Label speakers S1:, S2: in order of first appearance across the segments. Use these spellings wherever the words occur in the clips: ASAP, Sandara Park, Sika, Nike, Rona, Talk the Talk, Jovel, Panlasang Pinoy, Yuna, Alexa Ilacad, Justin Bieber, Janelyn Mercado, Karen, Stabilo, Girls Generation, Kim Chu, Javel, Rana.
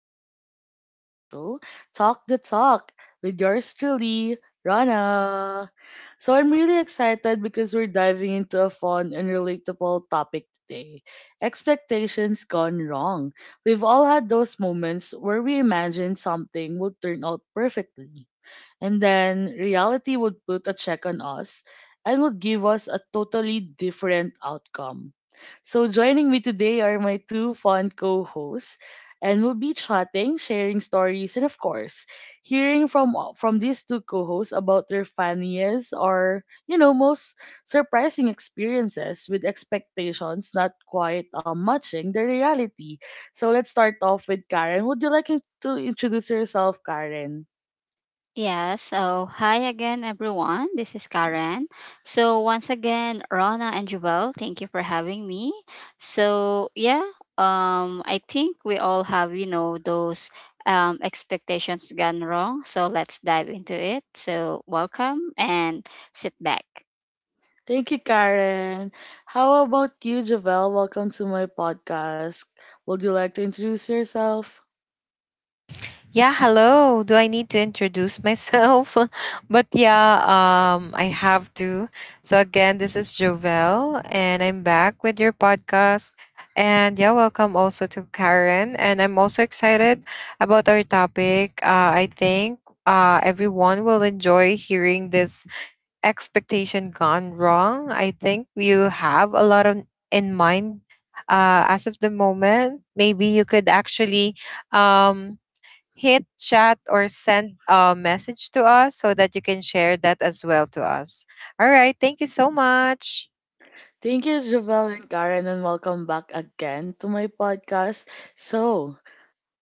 S1: episode of our show, Talk the Talk, with yours truly, Rana. So I'm really excited because we're diving into a fun and relatable topic today. Expectations gone wrong. We've all had those moments where we imagine something would turn out perfectly and then reality would put a check on us and would give us a totally different outcome. So, joining me today are my two fun co hosts, and we'll be chatting, sharing stories, and of course, hearing from these two co-hosts about their funniest or most surprising experiences with expectations not quite matching the reality. So let's start off with Karen. Would you like to introduce yourself, Karen?
S2: Yeah, so hi again, everyone. This is Karen. So, once again, Rona and Jovel, thank you for having me. So, yeah, I think we all have, you know, those expectations gone wrong. So, let's dive into it. So, welcome and sit back.
S1: Thank you, Karen. How about you, Javel? Welcome to my podcast. Would you like to introduce yourself?
S3: Yeah, hello. Do I need to introduce myself? But yeah, I have to. So again, this is Jovel, and I'm back with your podcast. And yeah, welcome also to Karen. And I'm also excited about our topic. I think everyone will enjoy hearing this expectation gone wrong. I think you have a lot on, in mind, as of the moment. Maybe you could actually. Um, Hit chat or send a message to us so that you can share that as well to us. All right. Thank you so much.
S1: Thank you, Javel and Karen, and welcome back again to my podcast. So,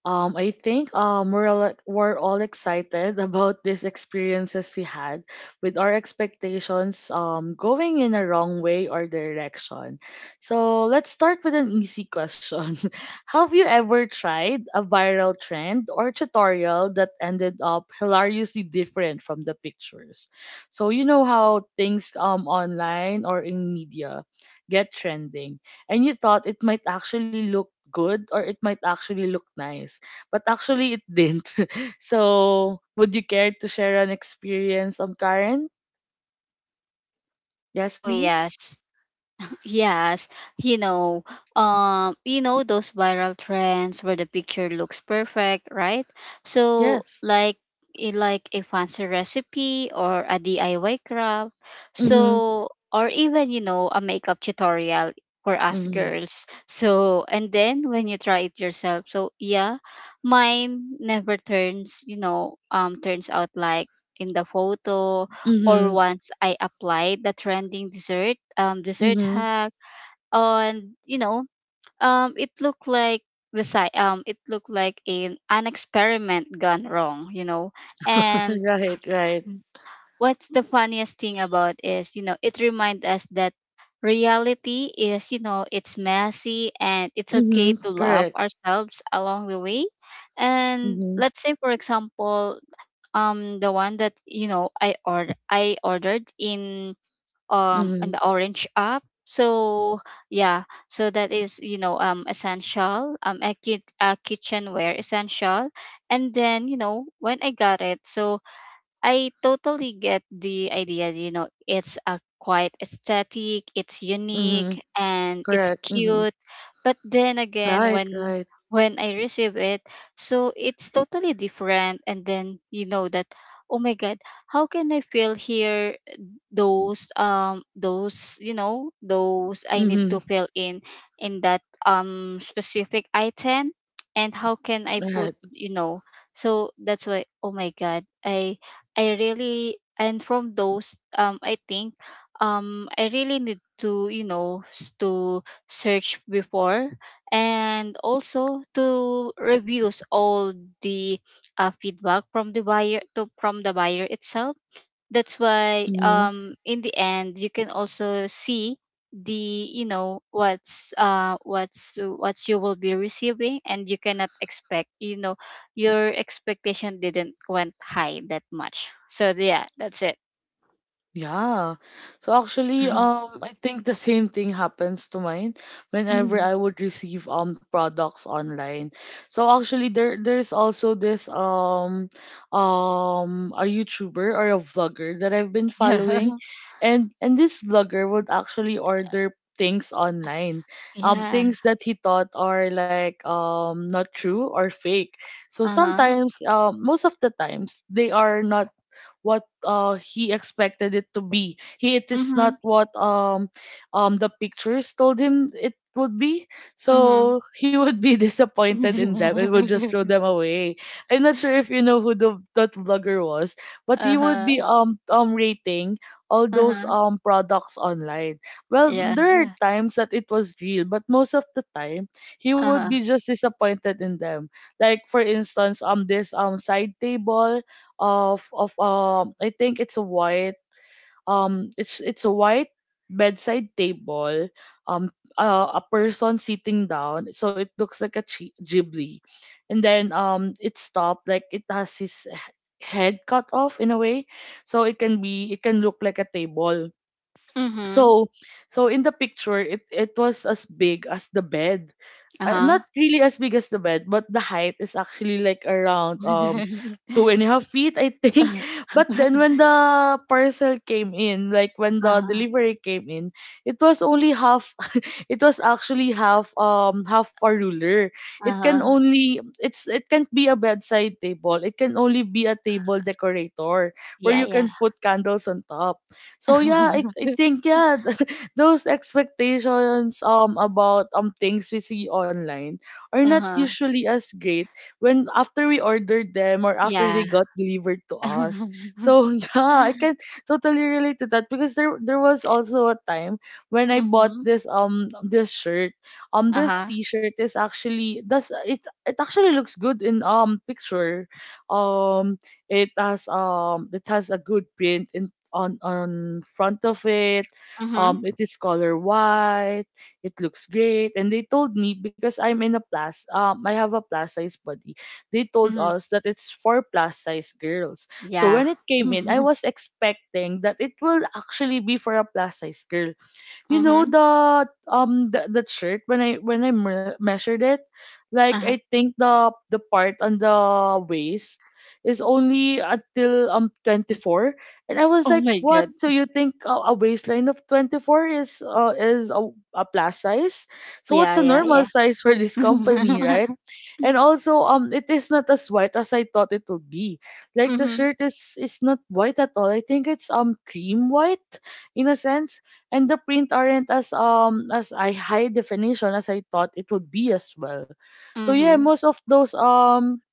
S1: I think we're all, we're all excited about these experiences we had with our expectations going in a wrong way or direction. So let's start with an easy question. Have you ever tried a viral trend or tutorial that ended up hilariously different from the pictures? So you know how things online or in media get trending, and you thought it might actually look good or it might actually look nice but actually it didn't. So, would you care to share an experience on Karen? Yes,
S2: Oh,
S1: please.
S2: yes. Yes, you know, you know those viral trends where the picture looks perfect, right? So
S1: Yes.
S2: like like a fancy recipe or a DIY craft.
S1: Mhm.
S2: So or even, you know, a makeup tutorial for us
S1: Mhm.
S2: girls. So and then when you try it yourself, so yeah, mine never turns, you know, turns out like in the photo, or
S1: Mhm.
S2: once I applied the trending dessert dessert
S1: Mhm.
S2: hack on, you know, it looked like the site it looked like an experiment gone wrong, you know. And
S1: Right, right.
S2: what's the funniest thing about is, you know, it reminds us that reality is, you know, it's messy and it's okay
S1: Mhm.
S2: to love
S1: Correct.
S2: ourselves along the way. And
S1: Mhm.
S2: let's say for example, the one that, you know, I ordered in, and
S1: Mhm.
S2: the orange up, so yeah. So that is, you know, essential, a kitchenware essential. And then, you know, when I got it, so I totally get the idea, you know. It's a quite aesthetic, it's unique
S1: Mhm.
S2: and it's
S1: Correct. Mhm.
S2: cute. But then again,
S1: Right,
S2: when
S1: right.
S2: I receive it, so it's totally different. And then, you know, that, oh my god, how can I feel here those those, you know, those I need to
S1: Mhm.
S2: fill in that specific item. And how can I put,
S1: Right.
S2: you know? So that's why, oh my god, I really, and from those I think I really need to, you know, to search before, and also to reviews all the feedback from the buyer, to from the buyer itself. That's why
S1: Mm-hmm.
S2: in the end you can also see the, you know, what's what you will be receiving, and you cannot expect, you know, your expectation didn't went high that much. So yeah, that's it.
S1: Yeah. So actually, I think the same thing happens to mine whenever
S2: Mhm.
S1: I would receive products online. So actually, there's also this a YouTuber or a vlogger that I've been
S2: Yeah.
S1: following, and this vlogger would actually order things online,
S2: Yeah.
S1: things that he thought are like not true or fake. So
S2: Uh-huh.
S1: sometimes, most of the times they are not what he expected it to be. He It is
S2: Mm-hmm.
S1: not what the pictures told him it would be.
S2: Mm-hmm.
S1: So he would be disappointed in them and would just throw them away. I'm not sure if you know who the that vlogger was, but he would
S2: Uh-huh.
S1: be rating all those
S2: Uh-huh.
S1: products online. Well,
S2: Yeah,
S1: there are
S2: yeah.
S1: times that it was real, but most of the time he would
S2: Uh-huh.
S1: be just disappointed in them. Like for instance, this side table of I think it's a white it's a white bedside table um a person sitting down so it looks like a ghibli, and then it stopped like it has his head cut off in a way, so it can be it can look like a table.
S2: Mm-hmm.
S1: So so in the picture it was as big as the bed, not
S2: Uh-huh.
S1: really as big as the bed but the height is actually like around 2.5 feet I think. But then when the parcel came in, like when the
S2: Uh-huh.
S1: delivery came in, it was only half. It was actually half half a ruler. It can
S2: Uh-huh.
S1: only it can't be a bedside table, it can only be a table decorator where
S2: Yeah,
S1: you
S2: yeah.
S1: can put candles on top. So yeah, I think yeah, those expectations about things we see online are not
S2: Uh-huh.
S1: usually as great when after we ordered them or after they
S2: Yeah.
S1: got delivered to us. So yeah, I can totally relate to that because there was also a time when I bought
S2: Mhm.
S1: this this shirt. This
S2: Uh-huh.
S1: t-shirt is actually does it it actually looks good in picture. Um it has a good print on front of it.
S2: Mhm.
S1: It is color white. It looks great. And they told me because I'm in a plus. I have a plus size body. They told
S2: Mhm.
S1: us that it's for plus size girls. So
S2: Yeah.
S1: when it came in, I was expecting that it will actually be for a plus size girl. You know,
S2: Mhm.
S1: the the shirt when I measured it, like I
S2: Uh-huh.
S1: think the part on the waist is only until 24. And I was
S2: Oh
S1: like
S2: my
S1: what,
S2: God.
S1: so you think a waistline of 24 is a plus size? So what's
S2: Yeah,
S1: a normal
S2: yeah,
S1: size for
S2: yeah.
S1: this company, right? And also, it is not as white as I thought it would be. Like the
S2: Mhm.
S1: shirt is not white at all. I think it's cream white in a sense, and the print aren't as I high definition as I thought it would be as well. So yeah,
S2: Mhm.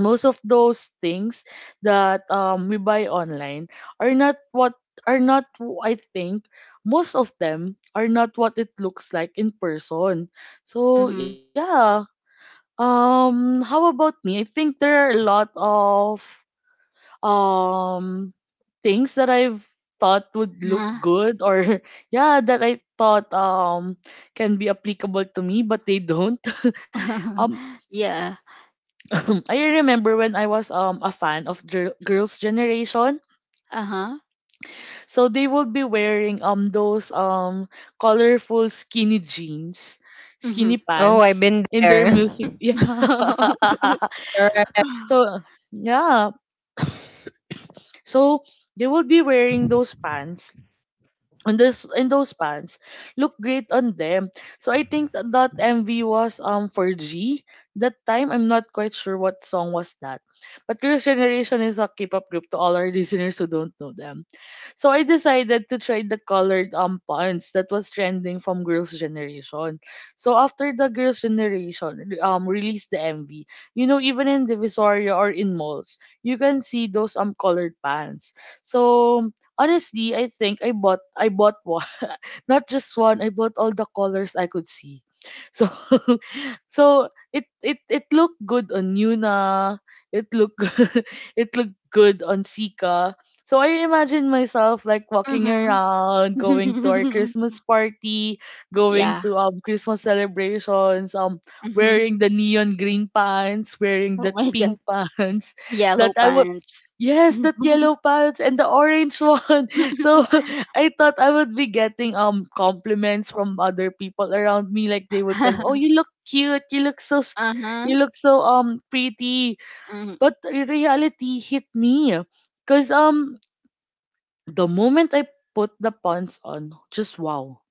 S1: most of those things that we buy online are not what are not w- I think most of them are not what it looks like in person. So
S2: Mhm.
S1: yeah, how about me? I think there are a lot of um things that I've thought would look
S2: Huh?
S1: good or yeah, that I thought can be applicable to me, but they don't. Um
S2: Yeah.
S1: I remember when I was a fan of Girls Generation.
S2: Uh-huh.
S1: So they would be wearing those colorful skinny jeans, skinny
S2: Mhm.
S3: Oh, I've
S1: pants
S3: been
S1: in their
S3: there.
S1: music. Yeah.
S3: Correct.
S1: So yeah. So they would be wearing those pants, and this and those pants look great on them. So I think that MV was for G that time. I'm not quite sure what song was that. But Girls Generation is a K-pop group to all our listeners who don't know them. So I decided to try the colored pants that was trending from Girls' Generation. So after the Girls' Generation released the MV, you know, even in Divisoria or in malls, you can see those colored pants. So honestly, I think I bought one, not just one, I bought all the colors I could see. So so it it looked good on Yuna. It looked it looked good on Sika. So I imagine myself like walking
S2: Mhm.
S1: around, going to our Christmas party, going
S2: Yeah.
S1: to Christmas celebrations,
S2: Mhm.
S1: wearing the neon green pants, wearing
S2: Oh
S1: the
S2: my
S1: pink
S2: God.
S1: pants that
S2: Yellow
S1: I would
S2: pants.
S1: Yes, that yellow pants and the orange one. So I thought I would be getting compliments from other people around me. Like they would tell me, "Oh, you look cute. You look so, you
S2: Uh-huh.
S1: look so pretty."
S2: Mhm.
S1: But the reality hit me, cause the moment I put the pants on, just wow.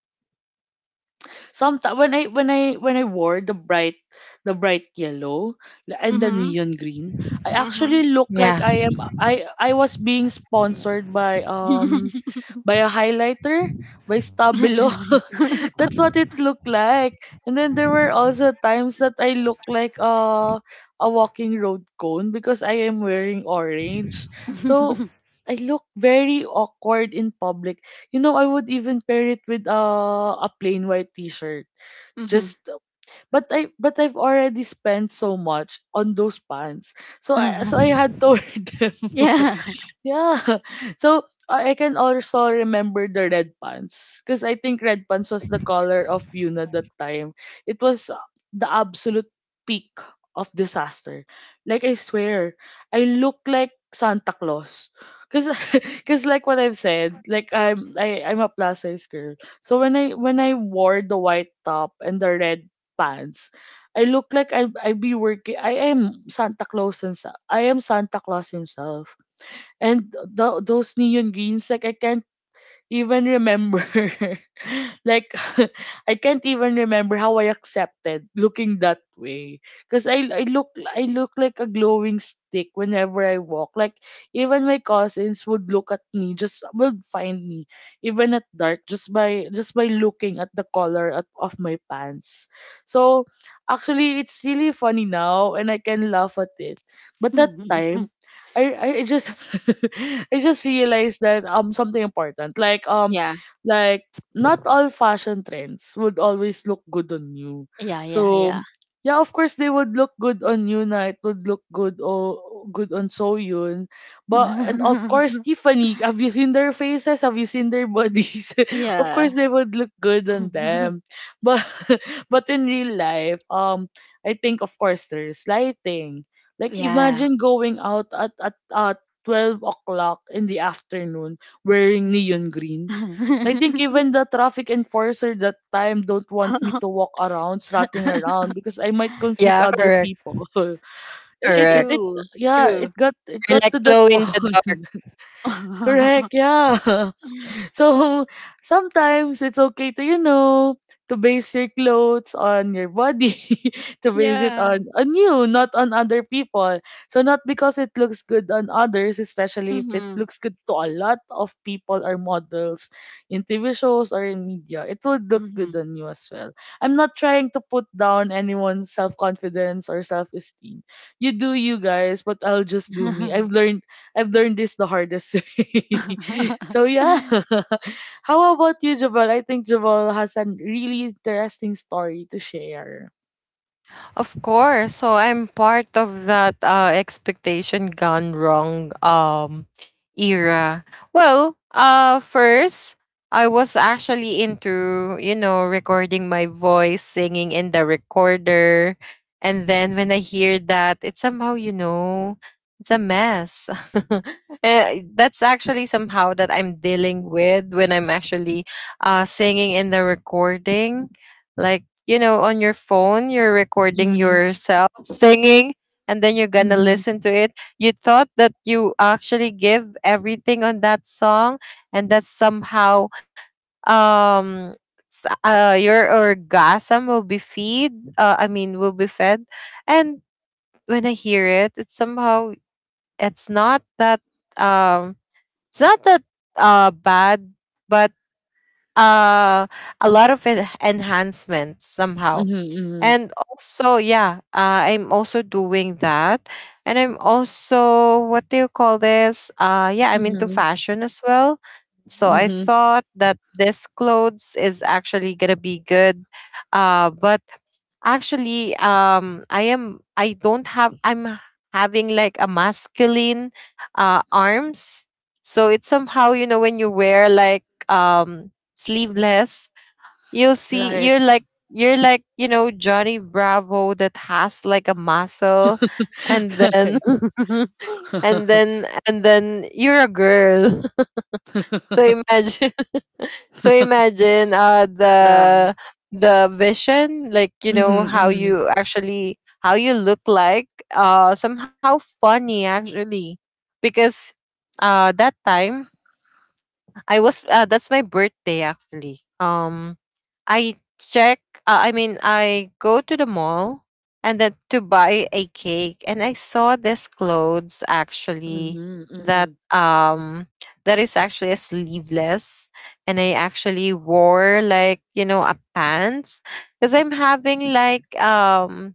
S1: Some when I when I when I wore the bright yellow and the
S2: Mhm.
S1: neon green, I
S2: Mhm.
S1: actually look like
S3: Yeah.
S1: I am I was being sponsored by a highlighter, by Stabilo.
S2: Mhm.
S1: That's what it looked like. And then there were also times that I look like a walking road cone because I am wearing orange. So I look very awkward in public. You know, I would even pair it with a plain white t-shirt, just but I've already spent so much on those pants. So I had to wear them.
S2: Yeah.
S1: Yeah. So I can also remember the red pants because I think red pants was the color of Yuna that time. It was the absolute peak of disaster. Like I swear, I look like Santa Claus. Cause, cause like what I've said, like I'm a plus size girl. So when I wore the white top and the red pants, I look like I be working. I am Santa Claus, and I am Santa Claus himself. And those neon greens, like I can't even remember. Like I can't even remember how I accepted looking that way, because I look like a glowing stick whenever I walk. Like even my cousins would look at me, just would find me even at dark just by looking at the color of my pants. So actually, it's really funny now, and I can laugh at it. But that time. I just I just realized that something important
S2: Yeah.
S1: like not all fashion trends would always look good on you.
S2: Yeah, yeah,
S1: So
S2: yeah.
S1: yeah, of course they would look good on you na, it would look good or good on Soyun. But and of course Tiffany, have you seen their faces? Have you seen their bodies? Of
S2: Yeah.
S1: course they would look good on them. But but in real life, I think of course there's lighting. Like
S2: Yeah.
S1: imagine going out at 12 o'clock in the afternoon wearing
S2: Mm.
S1: neon green. I think even the traffic enforcer that time don't want me to walk around, strutting around because I might confuse
S3: Yeah,
S1: other
S3: correct,
S1: people. It, it,
S3: correct.
S1: it,
S2: True.
S1: yeah,
S2: True.
S1: it got it
S3: We're
S1: got to
S3: like
S1: that
S3: glow in the
S1: point.
S3: dark.
S1: Correct, yeah. So sometimes it's okay to base your clothes on your body, to base it
S2: Yeah.
S1: on you, not on other people. So not because it looks good on others, especially if it
S2: Mhm.
S1: looks good to a lot of people or models in TV shows or in media, it would look good
S2: Mhm.
S1: on you as well. I'm not trying to put down anyone's self confidence or self esteem. You do you guys, but I'll just do me. I've learned this the hardest way. So yeah. How about you, Javal? I think Javal has a really interesting story to share.
S3: Of course. So I'm part of that expectation gone wrong era. Well, first I was actually into, recording my voice, singing in the recorder. And then when I hear that, it's somehow, it's a mess. That's actually somehow that I'm dealing with when I'm actually singing in the recording. Like, on your phone, you're recording
S1: Mm-hmm.
S3: yourself singing and then you're going to
S1: Mm-hmm.
S3: listen to it. You thought that you actually give everything on that song and that somehow, um your orgasm will be feed I mean will be fed. And when I hear it, it's somehow it's not that um it's not that bad, but uh a lot of enhancements somehow.
S1: Mm-hmm.
S3: And also, yeah, I'm also doing that. And I'm also, what do you call this? Yeah, I'm into
S1: Mm-hmm.
S3: fashion as well. So I
S1: Mm-hmm.
S3: thought that this clothes is actually gonna be good. But actually, I am, I don't have, I'm having like a masculine arms. So it's somehow, when you wear like um, sleeveless, you'll see
S1: Right.
S3: you're like Johnny Bravo that has like a muscle. And then
S1: Right.
S3: and then and then you're a girl. So imagine. So imagine the
S1: Yeah.
S3: the vision, like
S1: Mm-hmm.
S3: how
S1: Mm-hmm.
S3: you actually, how you look like, somehow funny actually. Because that time I was that's my birthday actually. I check, I mean, I go to the mall and then to buy a cake, and I saw this clothes actually
S1: Mm-hmm. Mm-hmm.
S3: that, is actually a sleeveless. And I actually wore like a pants, because I'm having like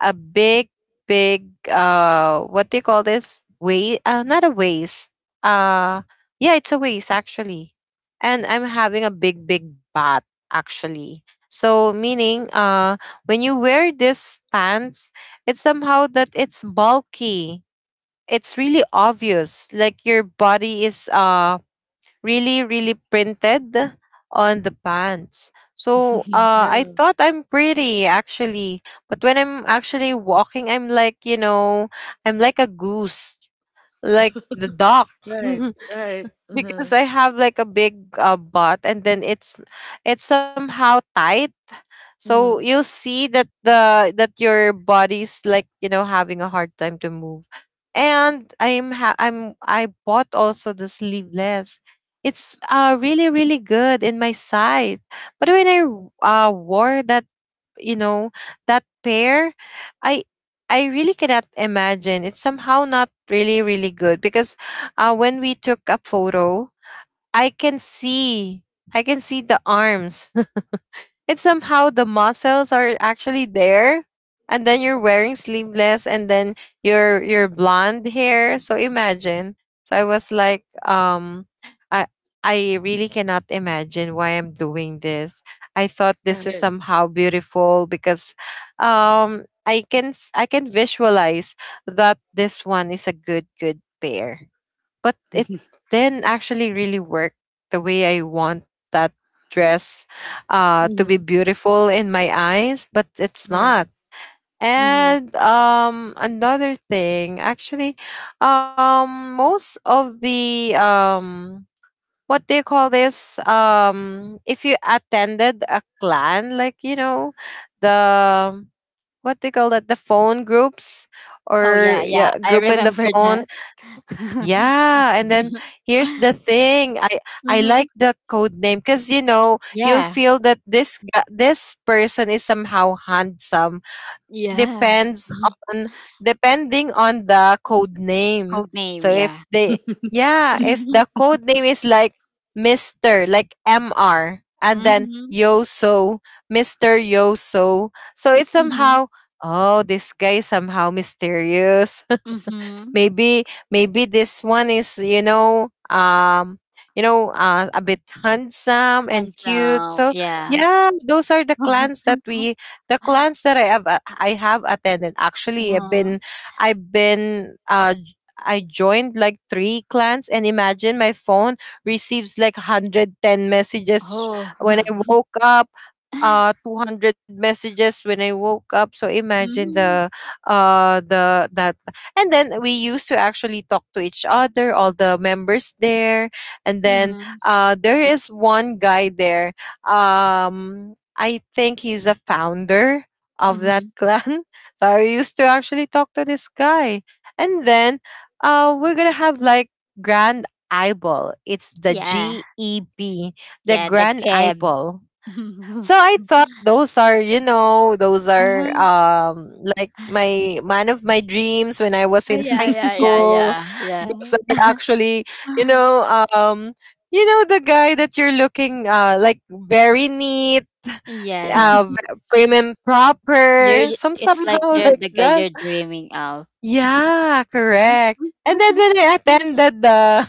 S3: a big, big what do you call this? Waste? Not a waste. Uh yeah, it's a waste actually. And I'm having a big, big bat actually. So meaning, when you wear this pants, it's somehow that it's bulky. It's really obvious. Like your body is really really printed on the pants, so I
S1: Yeah.
S3: thought I'm pretty actually. But when I'm actually walking, I'm like a goose, like the duck.
S1: Right. Right. Mm-hmm.
S3: Because I have like a big butt, and then it's somehow tight. So
S1: Mm-hmm.
S3: you'll see that the that your body's like, having a hard time to move. And I'm ha- I'm I bought also the sleeveless. It's really really good in my size. But when I wore that, you know, that pair, I I really cannot imagine. It's somehow not really really good, because when we took a photo, I can see. I can see the arms. It's somehow the muscles are actually there. And then you're wearing sleeveless, and then your blonde hair. So imagine. So I was like, I I really cannot imagine why I'm doing this. I thought this is
S1: Right.
S3: somehow beautiful because I can visualize that this one is a good good pair, but it then actually really worked the way I want that dress, to
S1: Mm-hmm.
S3: be beautiful in my eyes, but it's
S1: Right.
S3: not. And another thing, actually, most of the, what do you call this? If you attended a clan, like, the, what do you call that? The phone groups,
S2: Oh yeah,
S3: or
S2: yeah.
S3: yeah,
S2: I
S3: group in the
S2: remember
S3: phone,
S2: that.
S3: yeah, and then here's the thing. I
S2: Hmm.
S3: like the code name, because you
S2: Yeah.
S3: feel that this person is somehow handsome.
S2: Yeah.
S3: Depends on Depending on the code name.
S2: Code name,
S3: So if
S2: yeah.
S3: they, yeah, if the code name is like Mister, like Mr, and then
S2: Mm-hmm.
S3: Yoso, Mister Yoso. So it's
S2: Mm-hmm.
S3: somehow, oh, this guy is somehow mysterious.
S2: Mm-hmm.
S3: Maybe maybe this one is a bit handsome and
S2: Hands
S3: cute.
S2: down,
S3: So
S2: yeah.
S3: yeah, those are the clans that we, the clans that I have, I have attended actually.
S2: Uh,
S3: I've been uh j- I joined like three clans, and imagine my phone receives like 110 messages
S2: oh.
S3: when I woke up, 200 messages when I woke up. So imagine
S2: Mm-hmm.
S3: the that, and then we used to actually talk to each other, all the members there. And then
S2: Mm-hmm.
S3: there is one guy there. I think he's a founder of that
S2: Mm-hmm.
S3: clan. So I used to actually talk to this guy. And then we're going to have like Grand Eyeball. It's the
S2: Yeah.
S3: GEB, the
S2: Yeah, the
S3: Grand
S2: cab.
S3: Eyeball.
S2: Uh-huh.
S3: So I thought those are, you know, those are, like my man of my dreams when I was
S2: Oh
S3: in
S2: yeah,
S3: high
S2: yeah,
S1: Mm-hmm.
S2: yeah,
S3: school.
S2: yeah,
S3: Those are
S2: yeah.
S3: actually, you know, um the guy that you're looking, like very neat,
S2: Yes.
S3: prim and proper,
S2: You're, it's like
S3: somehow,
S2: you're
S3: like
S2: the guy
S3: that.
S2: you're dreaming of.
S3: Yeah, correct. And then when I attended the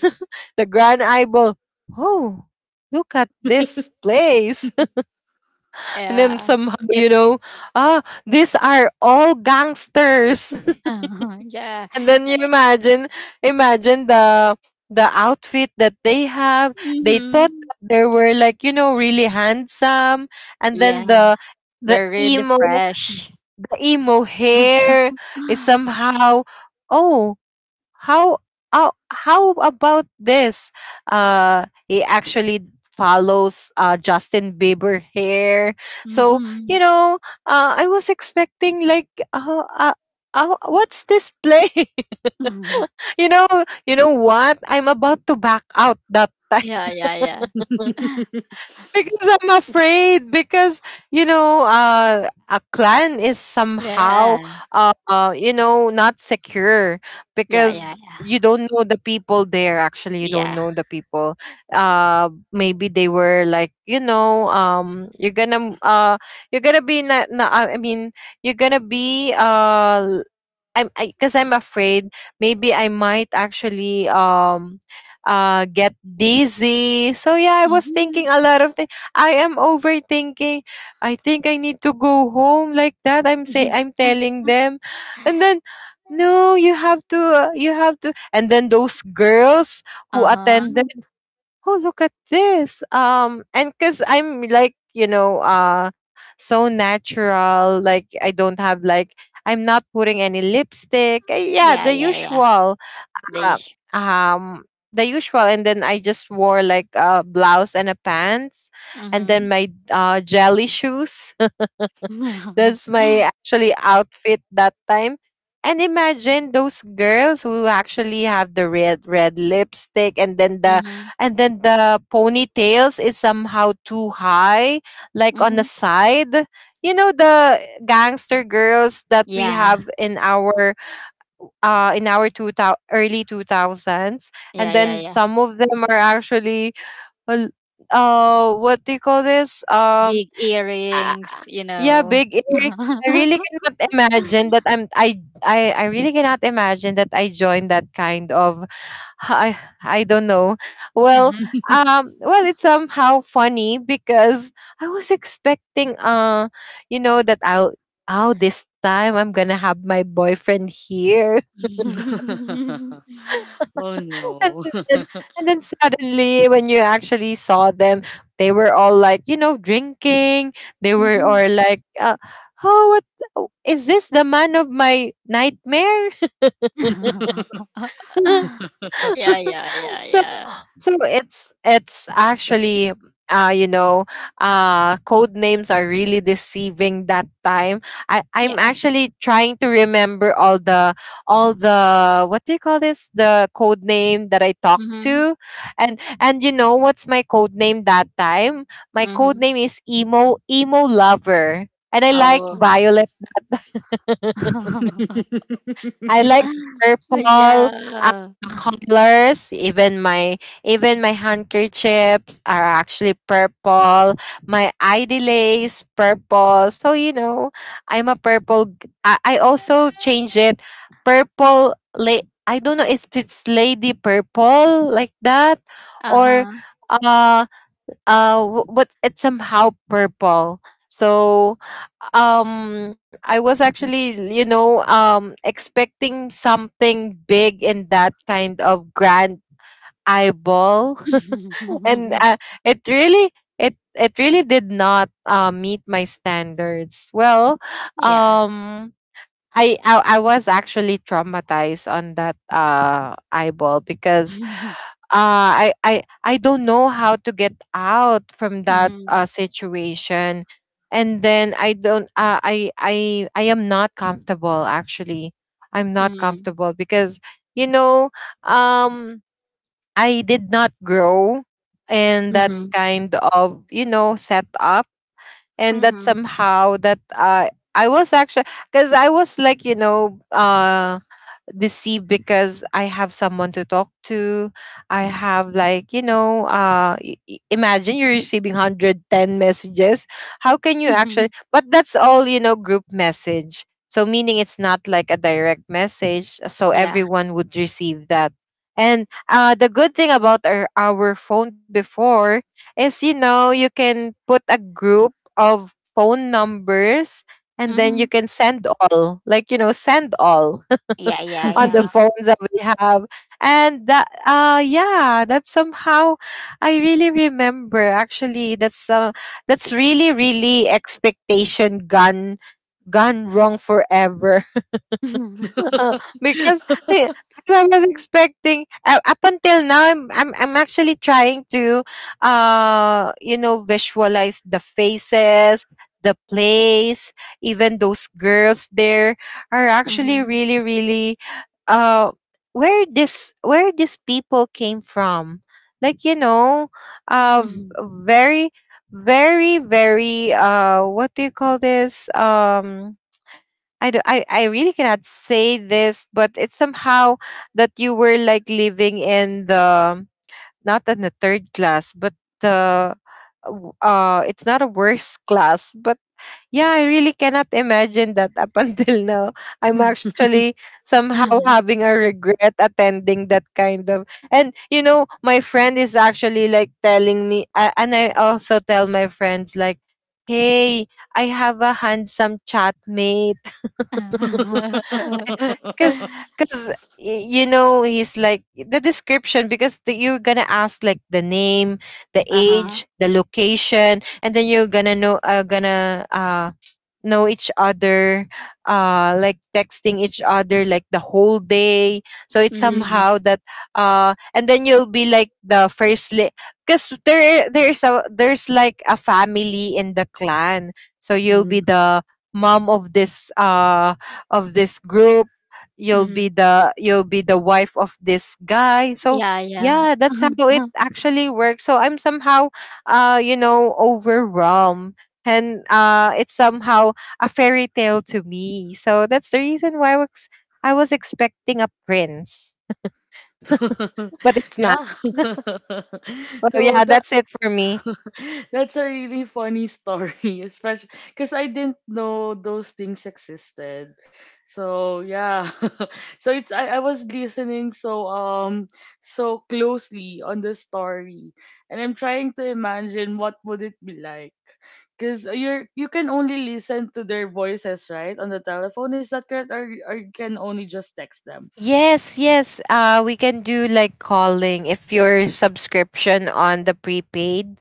S3: the Grand Eyeball, oh, look at this place. And then
S2: Yeah.
S3: somehow,
S2: It.
S3: ah, these are all gangsters.
S2: Yeah.
S3: And then you imagine, imagine the outfit that they have. They thought
S2: Mm-hmm.
S3: that they were like, really handsome. And then
S2: Yeah.
S3: the, the
S2: They're really
S3: emo
S2: fresh.
S3: emo hair is somehow, oh, how how about this? He actually follows Justin Bieber hair. So
S2: Mm-hmm.
S3: you know I was expecting like, what's this play? You know, what I'm about to back out that
S2: Yeah,
S3: time,
S2: yeah, yeah.
S3: because I'm afraid. Because a clan is somehow,
S2: Yeah.
S3: not secure,
S2: Yeah,
S3: because
S2: yeah, yeah.
S3: you don't know the people there, actually you
S2: Yeah.
S3: don't
S2: Yeah.
S3: know the people. Maybe they were like, you're gonna be na, na, I mean, you're gonna be I'm because I'm afraid. Maybe I might actually, get dizzy. So yeah, I was
S2: Mm-hmm.
S3: thinking a lot of things. I am overthinking. I think I need to go home like that, I'm say, I'm telling them, and then, no, you have to. You have to. And then those girls who attended,
S2: Uh-huh.
S3: oh, look at this, and because I'm like, so natural, like I don't have like, I'm not putting any lipstick, yeah,
S2: Yeah,
S3: the
S2: yeah, yeah.
S3: usual,
S2: They
S3: uh, um the usual. And then I just wore like a blouse and a pants, and
S2: mm-hmm.
S3: then my jelly shoes.
S2: Mm-hmm.
S3: That's my actually outfit that time. And imagine those girls who actually have the red red lipstick, and then the ponytails is somehow too high, like on the
S2: Mm-hmm.
S3: side. You know the gangster girls that we
S2: Yeah.
S3: have in our, in our 2000 early 2000s, and
S2: Yeah, yeah,
S3: then
S2: yeah.
S3: some of them are actually, well, what do you call this?
S2: Big
S3: Ah,
S2: earrings, you
S3: yeah,
S2: know.
S3: big ear. I really cannot imagine that I'm I really cannot imagine that I joined that kind of, I I don't know. Well,
S2: Uh-huh.
S3: it's somehow funny, because I was expecting, that I'll oh, this time I'm gonna have my boyfriend here.
S1: Oh no.
S3: And then suddenly, when you actually saw them, they were all like, drinking. They were,
S2: Mhm.
S3: or like, oh, what? Oh, is this the man of my nightmare?
S2: Yeah, yeah, yeah,
S3: so
S2: yeah.
S3: so it's actually, uh you know code names are really deceiving that time. I'm
S2: Yeah.
S3: actually trying to remember all the, what do you call this, the code name that I talked
S2: Mhm.
S3: to. And you know what's my code name that time? My code
S2: Mhm.
S3: name is emo emo lover, and I like
S2: Oh.
S3: violet. I like purple, uh,
S2: Yeah.
S3: colors. Even my handkerchiefs are actually purple. My ID lace purple. So you know, I'm a purple. I, also change it purple. I don't know if it's lady purple like that, or
S2: Uh-huh.
S3: uh but it's somehow purple. So I was actually, expecting something big in that kind of grand eyeball. And it really, it really did not, meet my standards. Well,
S2: Yeah.
S3: um I was actually traumatized on that eyeball because I don't know how to get out from that
S2: Mhm.
S3: situation. And then I am not comfortable actually. I'm not
S2: Mhm.
S3: comfortable because you know um I did not grow in that
S1: Mhm.
S2: Mhm.
S3: kind of setup. And that
S2: Mhm.
S3: somehow that, I was actually, because I was like deceived, because I have someone to talk to. I have like imagine you're receiving 110 messages. How can you actually, but that's all group message. So meaning it's not like a direct message, so
S2: Yeah.
S3: everyone would receive that. And the good thing about our phone before is, you know, you can put a group of phone numbers, and then you
S2: Mhm.
S3: can send all, like, send all
S2: Yeah, yeah,
S3: on the
S2: yeah.
S3: phones that we have. And that yeah, that's somehow, I really remember actually that's really, really expectation gone wrong forever, uh, because because I was expecting, up until now I'm actually trying to, visualize the faces, the place, even those girls there are actually
S2: Mhm.
S3: really, really uh where this where these people came from. Like, uh v-
S2: Mhm.
S3: very, very, very, what do you call this, I, do, I really cannot say this, but it's somehow that you were like living in the, not in the third class, but the it's not a worse class, but yeah, I really cannot imagine that up until now. I'm actually somehow having a regret attending that kind of. And you know, my friend is actually like telling me, and I also tell my friends like, "Hey, I have a handsome chat mate." because because you know, he's like the description, because you're gonna ask like the name, the
S2: Uh-huh.
S3: age, the location, and then you're gonna know, gonna know each other, like texting each other like the whole day, so it's
S1: Mhm,
S2: Mhm.
S3: somehow that, and then you'll be like the because there's like a family in the clan, so you'll be
S1: mhm.
S3: the mom of this, of this group, you'll be
S2: Mhm.
S3: the you'll be the wife of this guy, so
S2: Yeah, yeah.
S3: yeah, that's how it actually works. So I'm somehow, you know, overwhelmed, and it's somehow a fairy tale to me. So that's the reason why I was expecting a prince, but it's not.
S1: Yeah.
S3: Well,
S1: So
S3: yeah,
S1: the
S3: that's it for me.
S1: That's a really funny story, especially because I didn't know those things existed. So yeah, I was listening so closely on the story, and I'm trying to imagine what would it be like. Because you can only listen to their voices, right, on the telephone. Is that correct, or you can only just text them?
S3: Yes, yes. We can do like calling if your subscription on the prepaid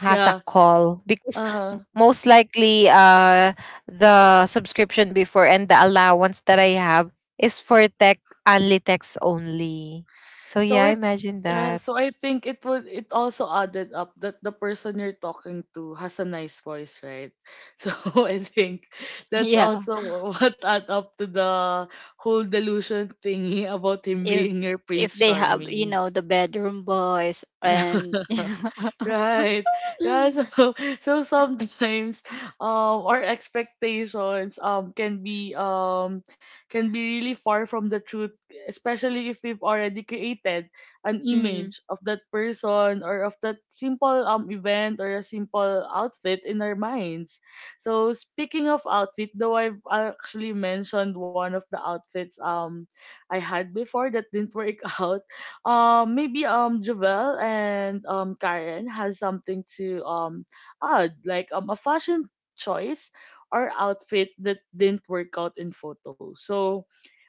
S3: has a
S1: Yeah.
S3: call, because
S1: Uh huh.
S3: most likely the subscription before and the allowance that I have is for tech only text only. So
S1: So it
S3: yeah, imagine
S1: uh,
S3: that.
S1: so I think it would it also added up that the person you're talking to has a nice voice, right? So I think that's
S2: Yeah.
S1: also what add up to the whole delusion thingy about him
S2: If
S1: being your Prince
S2: they have, you
S1: Charming.
S2: know, the bedroom boys and you know.
S1: Right. Yeah, so so sometimes our expectations can be can be really far from the truth, especially if we've already created an
S2: Hmm.
S1: image of that person or of that simple event or a simple outfit in our minds. So speaking of outfit, though I've actually mentioned one of the outfits I had before that didn't work out maybe Jovel and Karen has something to add, like a fashion choice or outfit that didn't work out in photos. So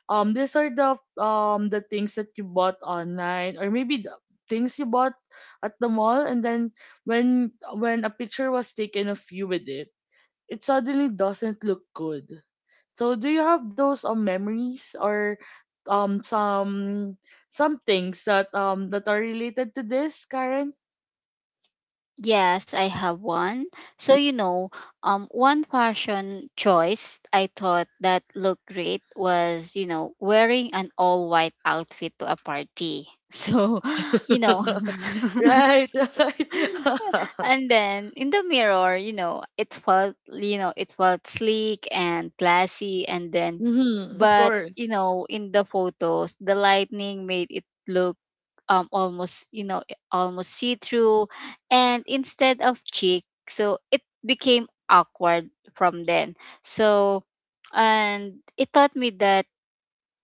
S1: these are the the things that you bought online or maybe the things you bought at the mall and then when a picture was taken of you with it, suddenly doesn't look good. So do you have those memories or um some some things that are related to this, Karen?
S2: Yes, I have one. So you know, one fashion choice I thought that looked great was, you know, wearing an all white outfit to a party. So, you know,
S1: Right, right.
S2: and then in the mirror, you know, it felt sleek and classy. And then,
S1: Mm-hmm, of
S2: but,
S1: course.
S2: you know, in the photos, the lightning made it look almost, you know, almost see through. And instead of chic, so it became awkward from then. So, and it taught me that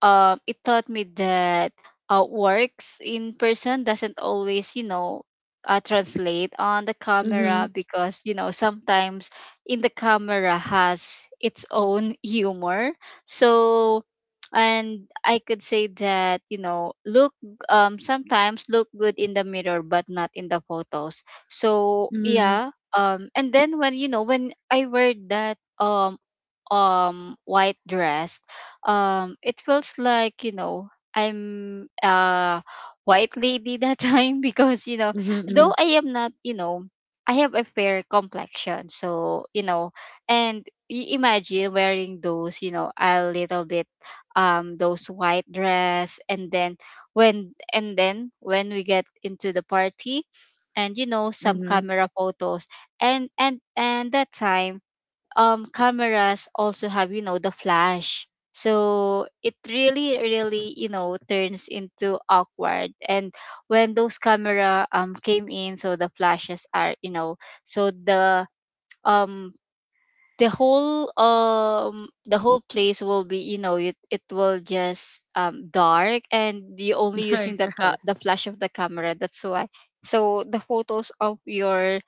S2: uh, it taught me that works in person doesn't always, you know, translate on the
S1: Mm-hmm.
S2: camera because, you know, sometimes in the camera has its own humor. So, and I could say that, you know, look, sometimes look good in the mirror, but not in the photos. So,
S1: Mm-hmm.
S2: yeah. And then when, you know, when I wear that, white dress, it feels like, you know, I'm a white lady that time, because, you know,
S1: Mm-hmm.
S2: though I am not, you know, I have a fair complexion. So, you know, and imagine wearing those, you know, a little bit those white dress. And then when and then when we get into the party, and you know, some
S1: Mm-hmm.
S2: camera photos, and that time cameras also have, you know, the flash. So it really really, you know, turns into awkward. And when those camera came in, so the flashes are, you know, so the um the whole place will be, you know, it will just dark, and you're only using
S1: Right,
S2: the
S1: right.
S2: the flash of the camera. That's why so the photos of your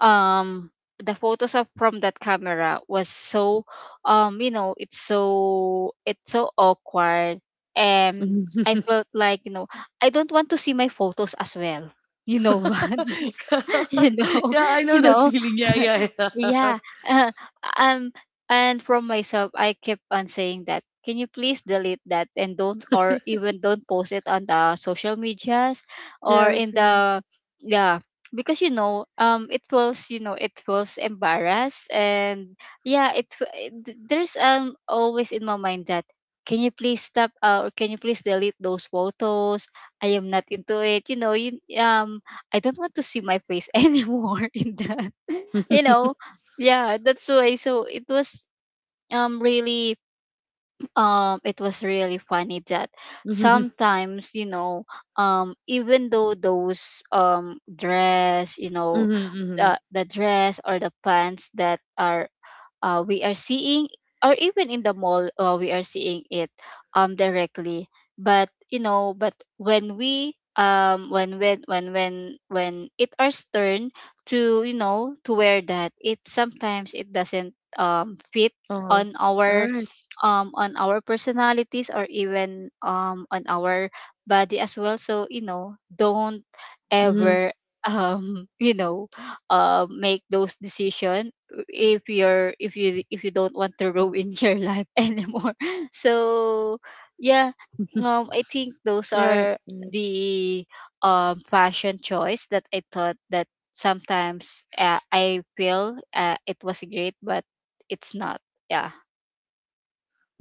S2: um the photos of from that camera was so you know, it's so, it's so awkward, and I
S1: Mhm.
S2: felt like, you know, I don't want to see my photos as well, you know. What? You know.
S1: Yeah, I
S2: You
S1: know that
S2: know.
S1: feeling. Yeah, yeah, yeah.
S2: Yeah. uh, um and from myself I kept on saying that, can you please delete that and don't, or even don't post it on the social medias, or
S1: Yes,
S2: in
S1: yes.
S2: the, yeah. Because, you know, it feels, you know, it feels embarrassed. And yeah, there's always in my mind that, can you please stop, or can you please delete those photos? I am not into it, you know. You I don't want to see my face anymore in that. You
S1: Mm-hmm,
S2: know, yeah, that's why. So it was really it was really funny that sometimes, you know, even though those dress, you know,
S1: mm-hmm.
S2: the dress or the pants that are, we are seeing, or even in the mall, we are seeing it directly, but you know, but when it our turn to, you know, to wear that, it sometimes it doesn't fit
S1: Uh-huh.
S2: on our
S1: Right.
S2: on our personalities, or even on our body as well. So you know, don't
S1: Mhm.
S2: ever you know, make those decision if you, if you don't want to ruin your life anymore. So yeah, I think those
S1: Right.
S2: are
S1: Mm.
S2: the fashion choice that I thought that sometimes, I feel, it was great, but it's not. Yeah.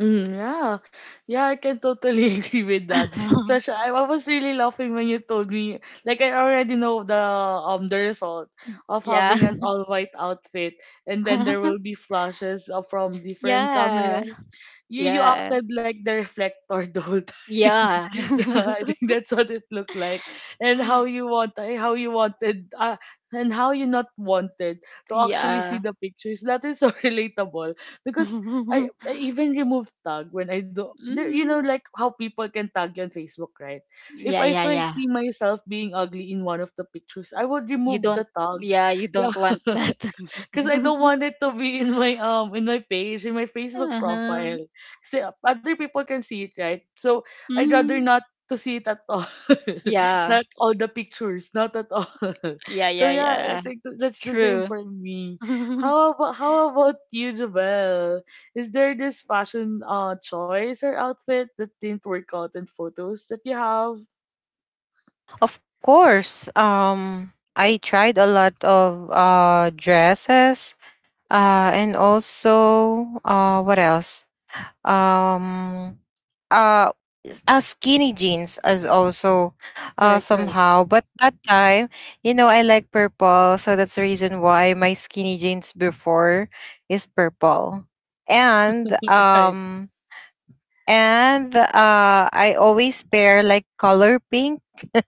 S1: Mhm, yeah, yeah, I can totally agree with that. Such I was really laughing when you told me, like I already know the the result of
S2: Yeah.
S1: having an all white outfit, and then there will be flashes from different
S2: Yeah.
S1: cameras. You
S2: Yeah.
S1: acted like the reflector the whole time.
S2: Yeah.
S1: Yeah, I think that's what it looked like, and how you wanted and how you not wanted to actually see
S2: Yeah.
S1: the pictures. That is so relatable because. I, I even remove tag when I do. You know,
S2: Mm.
S1: like how people can tag you on Facebook, right? If
S2: Yeah,
S1: I
S2: yeah,
S1: first
S2: yeah.
S1: see myself being ugly in one of the pictures, I would
S2: You
S1: remove
S2: don't,
S1: the tag.
S2: yeah, you don't want
S1: Yeah.
S2: that.
S1: Cause I don't want it to be in my in my page in my Facebook
S2: Uh-huh.
S1: profile. Kasi other people can see it, right? So I'd rather
S2: Mm.
S1: not to see it at all.
S2: Yeah.
S1: Not all the pictures, not at all.
S2: Yeah,
S1: So
S2: yeah,
S1: yeah, I
S2: yeah.
S1: think that's the same
S2: True.
S1: for me. How about you, Javel? Is there this fashion choice or outfit that didn't work out in photos that you have?
S3: Of course. I tried a lot of dresses. And also, what else? Um, uh, Skinny jeans as also
S1: Right, right,
S3: somehow. But that time, you know, I like purple, so that's the reason why my skinny jeans before is purple. And
S1: right,
S3: um and I always pair like color pink.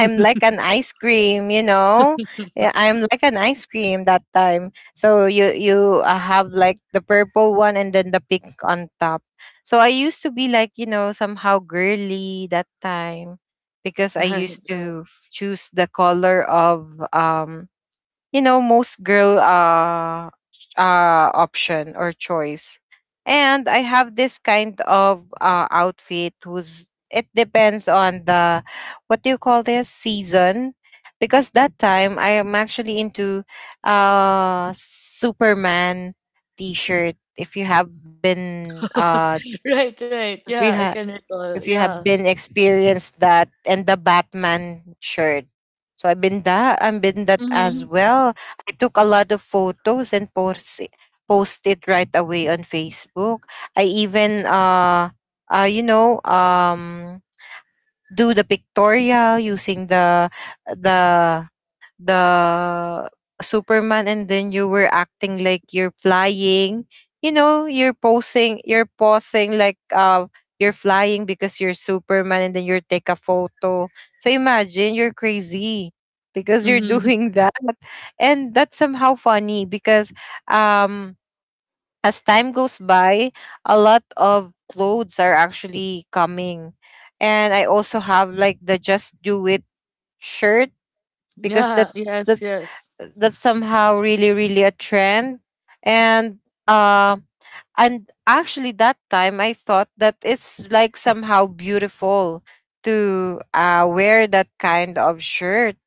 S3: I'm like an ice cream, you know. Yeah, I'm like an ice cream that time. So you have like the purple one and then the pink on top. So I used to be like, you know, somehow girly that time, because I
S1: right,
S3: used
S1: right.
S3: to choose the color of, you know, most girl option or choice. And I have this kind of outfit who's it depends on the, what do you call this, season, because that time I am actually into Superman t-shirt, if you have been,
S1: Right, right.
S3: if
S1: Yeah,
S3: you
S1: I
S3: ha-
S1: can recall.
S3: if you
S1: Yeah.
S3: have been experienced that, and the Batman shirt. So I've been that as
S2: Mm-hmm.
S3: well. I took a lot of photos and post it right away on Facebook. I even uh you know um do the pictorial using the the Superman, and then you were acting like you're flying. You know, you're posing like, you're flying because you're Superman, and then you take a photo. So imagine you're crazy because you're
S1: Mm-hmm.
S3: doing that. And that's somehow funny because, um as time goes by, a lot of clothes are actually coming. And I also have like the "Just Do It" shirt, because
S1: Yeah, yes,
S3: that's
S1: yes.
S3: that's somehow really, really a trend, and uh and actually that time I thought that it's like somehow beautiful to, wear that kind of shirt,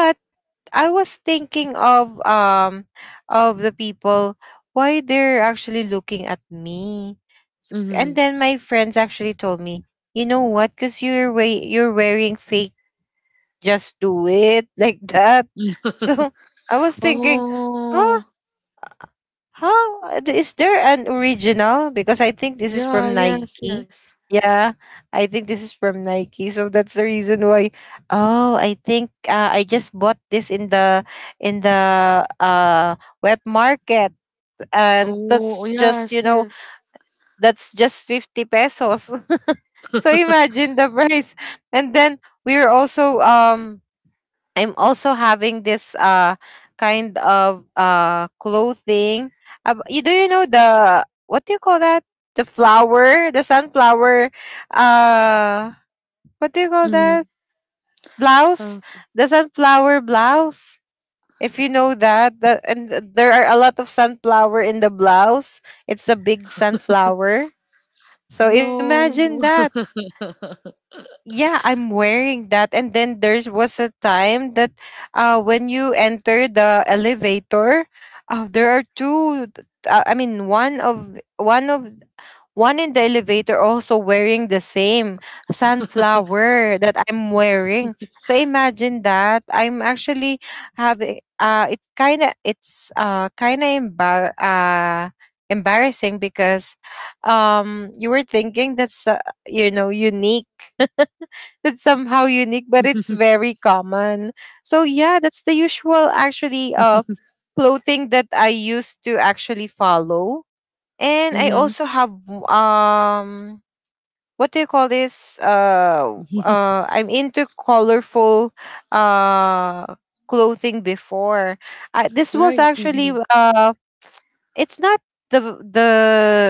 S3: but I was thinking of, of the people, why they're actually looking at me. So,
S1: Mm-hmm.
S3: and then my friends actually told me, you know what, because you're way you're wearing fake "Just Do It" like that. So I was thinking, huh?
S1: Oh,
S3: How, is there an original? Because I think this is
S1: yeah,
S3: from
S1: yes,
S3: Nike.
S1: yes.
S3: Yeah, I think this is from Nike. So that's the reason why. Oh, I think, I just bought this in the wet market, and
S1: Oh, yes, yes.
S3: that's just 50 pesos. So imagine the price. And then we are also I'm also having this kind of clothing. You know the, what do you call that? The flower, the sunflower. Uh, what do you call
S1: Mm-hmm.
S3: that? Blouse,
S1: Something.
S3: the sunflower blouse. If you know that, there are a lot of sunflower in the blouse. It's a big sunflower. So imagine
S1: No.
S3: that. Yeah, I'm wearing that. And then there was a time that, when you enter the elevator, there are I mean, one of one in the elevator also wearing the same sunflower that I'm wearing. So imagine that I'm actually having, it kind of, it's kind of embarrassing, because, you were thinking that's, unique, that's somehow unique, but it's very common. So yeah, that's the usual actually clothing that I used to actually follow. And I
S1: Mm-hmm.
S3: also have, what do you call this? I'm into colorful uh clothing before. This was
S1: Right.
S3: actually,
S1: Mm-hmm.
S3: it's not the, the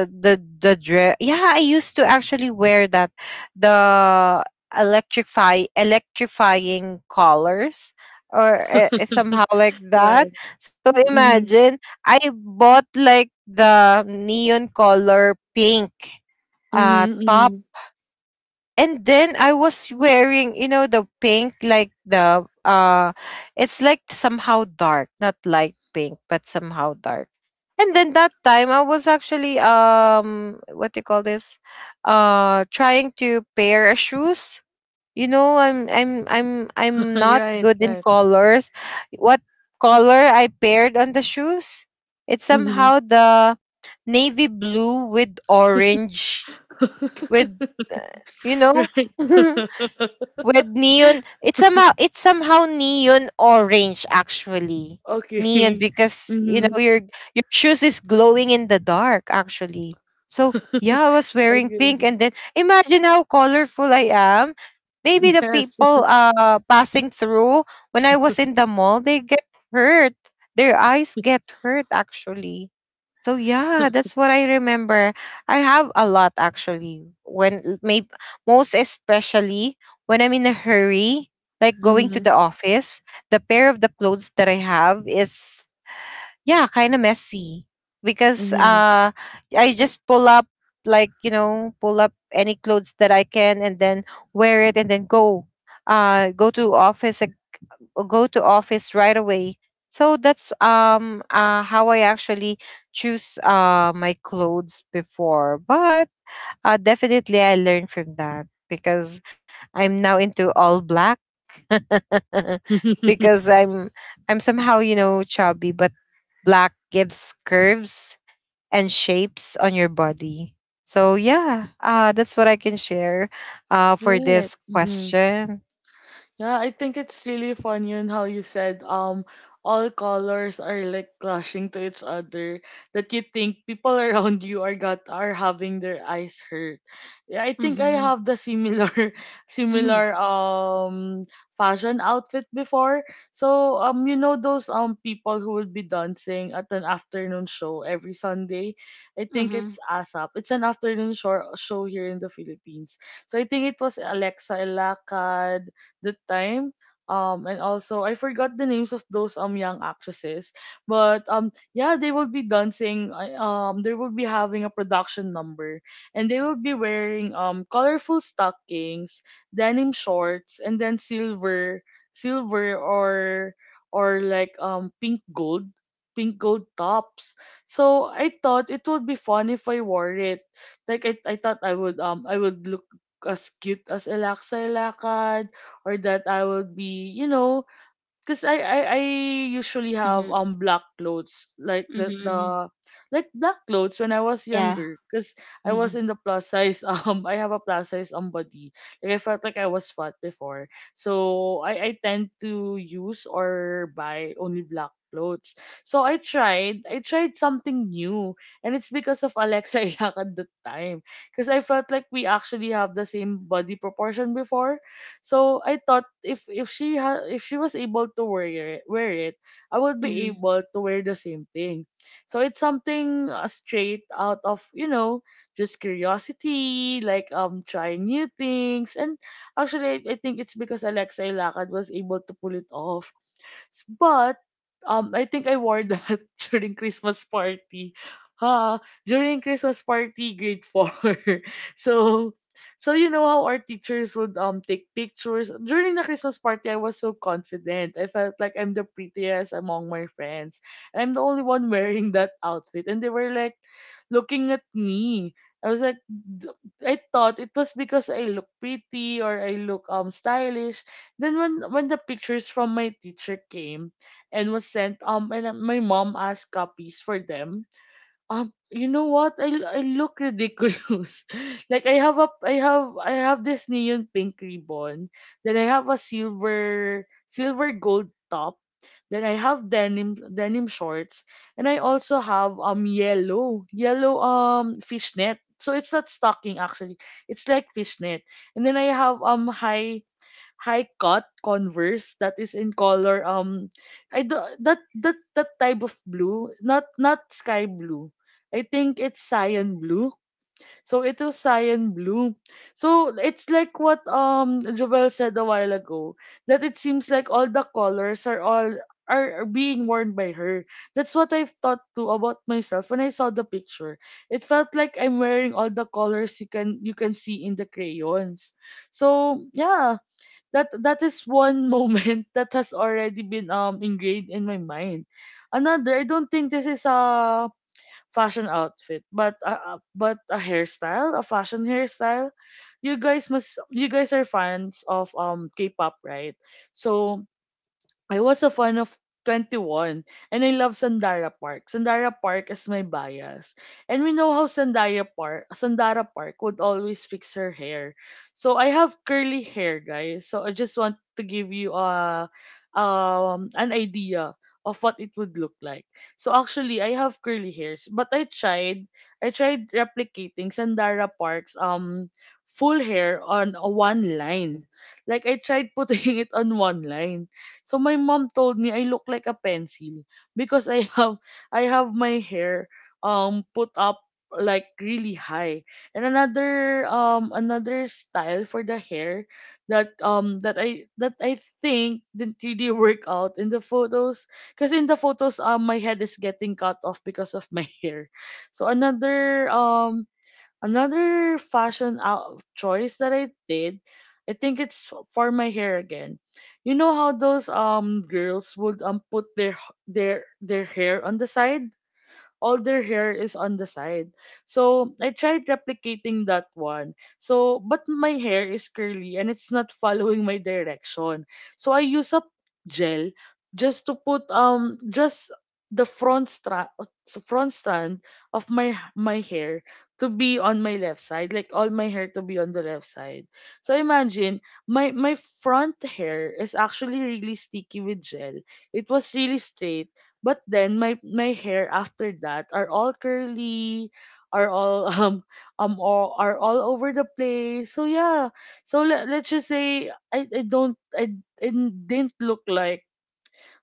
S3: the the dress. Yeah, I used to actually wear that, the electrifying collars, or, somehow like that.
S1: Right.
S3: So
S1: Mm-hmm.
S3: imagine, I bought like the neon color pink top,
S1: Mm-hmm.
S3: and then I was wearing, you know, the pink, like the, it's like somehow dark, not light pink, but somehow dark. And then that time I was actually, what do you call this? Trying to pair a shoes. You know, I'm I'm I'm I'm not
S1: Right,
S3: good in
S1: right.
S3: colors. What color I paired on the shoes? It's
S1: Mm-hmm.
S3: somehow the navy blue with orange, with, uh, you know
S1: Right.
S3: with neon, it's somehow neon orange actually. Neon,
S1: Okay.
S3: because, you know,
S1: Mhm.
S3: your shoes is glowing in the dark actually. So yeah, I was wearing
S1: Okay.
S3: pink, and then imagine how colorful I am. Maybe the
S1: Yes.
S3: people passing through when I was in the mall, they get hurt, their eyes get hurt actually. So yeah, that's what I remember. I have a lot actually, when maybe most especially when I'm in a hurry, like going to
S1: Mhm.
S3: the office, the pair of the clothes that I have is, yeah, kind of messy, because
S1: Mhm.
S3: I just pull up like, you know, pull up any clothes that I can, and then wear it, and then go to office, go to office right away. So that's, how I actually choose my clothes before. But, definitely, I learned from that because I'm now into all black because I'm somehow, you know, chubby, but black gives curves and shapes on your body. So yeah, that's what I can share, for
S1: Right.
S3: this
S1: Mhm.
S3: question.
S1: Yeah, I think it's really funny on how you said all colors are like clashing to each other that you think people around you are having their eyes hurt. Yeah, I think I
S2: Mm-hmm.
S1: have the similar
S2: Mm-hmm.
S1: similar fashion outfit before. So you know those people who would be dancing at an afternoon show every Sunday. I think
S2: Mm-hmm.
S1: it's ASAP. It's an afternoon show here in the Philippines. So I think it was Alexa Ilacad that time. And also I forgot the names of those young actresses, but yeah they will be dancing. They will be having a production number, and they will be wearing colorful stockings, denim shorts, and then silver or like pink gold tops. So I thought it would be fun if I wore it. Like I thought I would look as cute as Elaxa Elaka, or that I will be, because I usually have
S2: Mm-hmm.
S1: black clothes like
S2: Mm-hmm.
S1: the like black clothes when I was
S2: Yeah.
S1: younger because I was
S2: Mm-hmm.
S1: in the plus size I have a plus size body like I felt like I was fat before so I tend to use or buy only black clothes so I tried something new and it's because of Alexa Ilak at the time because I felt like we actually have the same body proportion before. So I thought if she was able to wear it, I would be
S2: Mm-hmm.
S1: able to wear the same thing. So it's something straight out of just curiosity, like trying new things, and actually I think it's because Alexa Ilacad was able to pull it off. But I think I wore that during Christmas party. Ha! During Christmas party, grade four. so, so you know how our teachers would take pictures during the Christmas party. I was so confident. I felt like I'm the prettiest among my friends. I'm the only one wearing that outfit, and they were like looking at me. I was like, I thought it was because I look pretty or I look stylish," then when the pictures from my teacher came and was sent, and my mom asked copies for them. You know what? I look ridiculous. Like I have a I have this neon pink ribbon. Then I have a silver gold top. Then I have denim shorts, and I also have yellow fishnet. So it's not stocking actually. It's like fishnet. And then I have high cut Converse that is in color I do, that that type of blue, not sky blue. I think it's cyan blue, so it was cyan blue, so it's like what Jovel said a while ago that it seems like all the colors are all are being worn by her. That's what I've thought too about myself when I saw the picture. It felt like I'm wearing all the colors you can see in the crayons. So yeah, that is one moment that has already been ingrained in my mind. Another, I don't think this is a fashion outfit, but a hairstyle, a fashion hairstyle. You guys are fans of K-pop, right? So I was a fan of 2NE1 and I love Sandara Park. Sandara Park is my bias. And we know how Sandara Park would always fix her hair. So I have curly hair, guys. So I just want to give you a an idea of what it would look like. So actually, I have curly hairs, but I tried replicating Sandara Park's full hair on a one line. Like I tried putting it on one line. So my mom told me I look like a pencil because I have my hair put up like really high. And another another style for the hair that I think didn't really work out in the photos because in the photos my head is getting cut off because of my hair. So another fashion out choice that I did, I think it's for my hair again. You know how those girls would put their hair on the side. All their hair is on the side. So I tried replicating that one. So but my hair is curly, and it's not following my direction. So I use a gel just to put just the front strand of my hair to be on my left side, like all my hair to be on the left side. So imagine, my front hair is actually really sticky with gel. It was really straight, but then my hair after that are all curly, are all are all over the place. So yeah. So let's just say, I don't I didn't look like,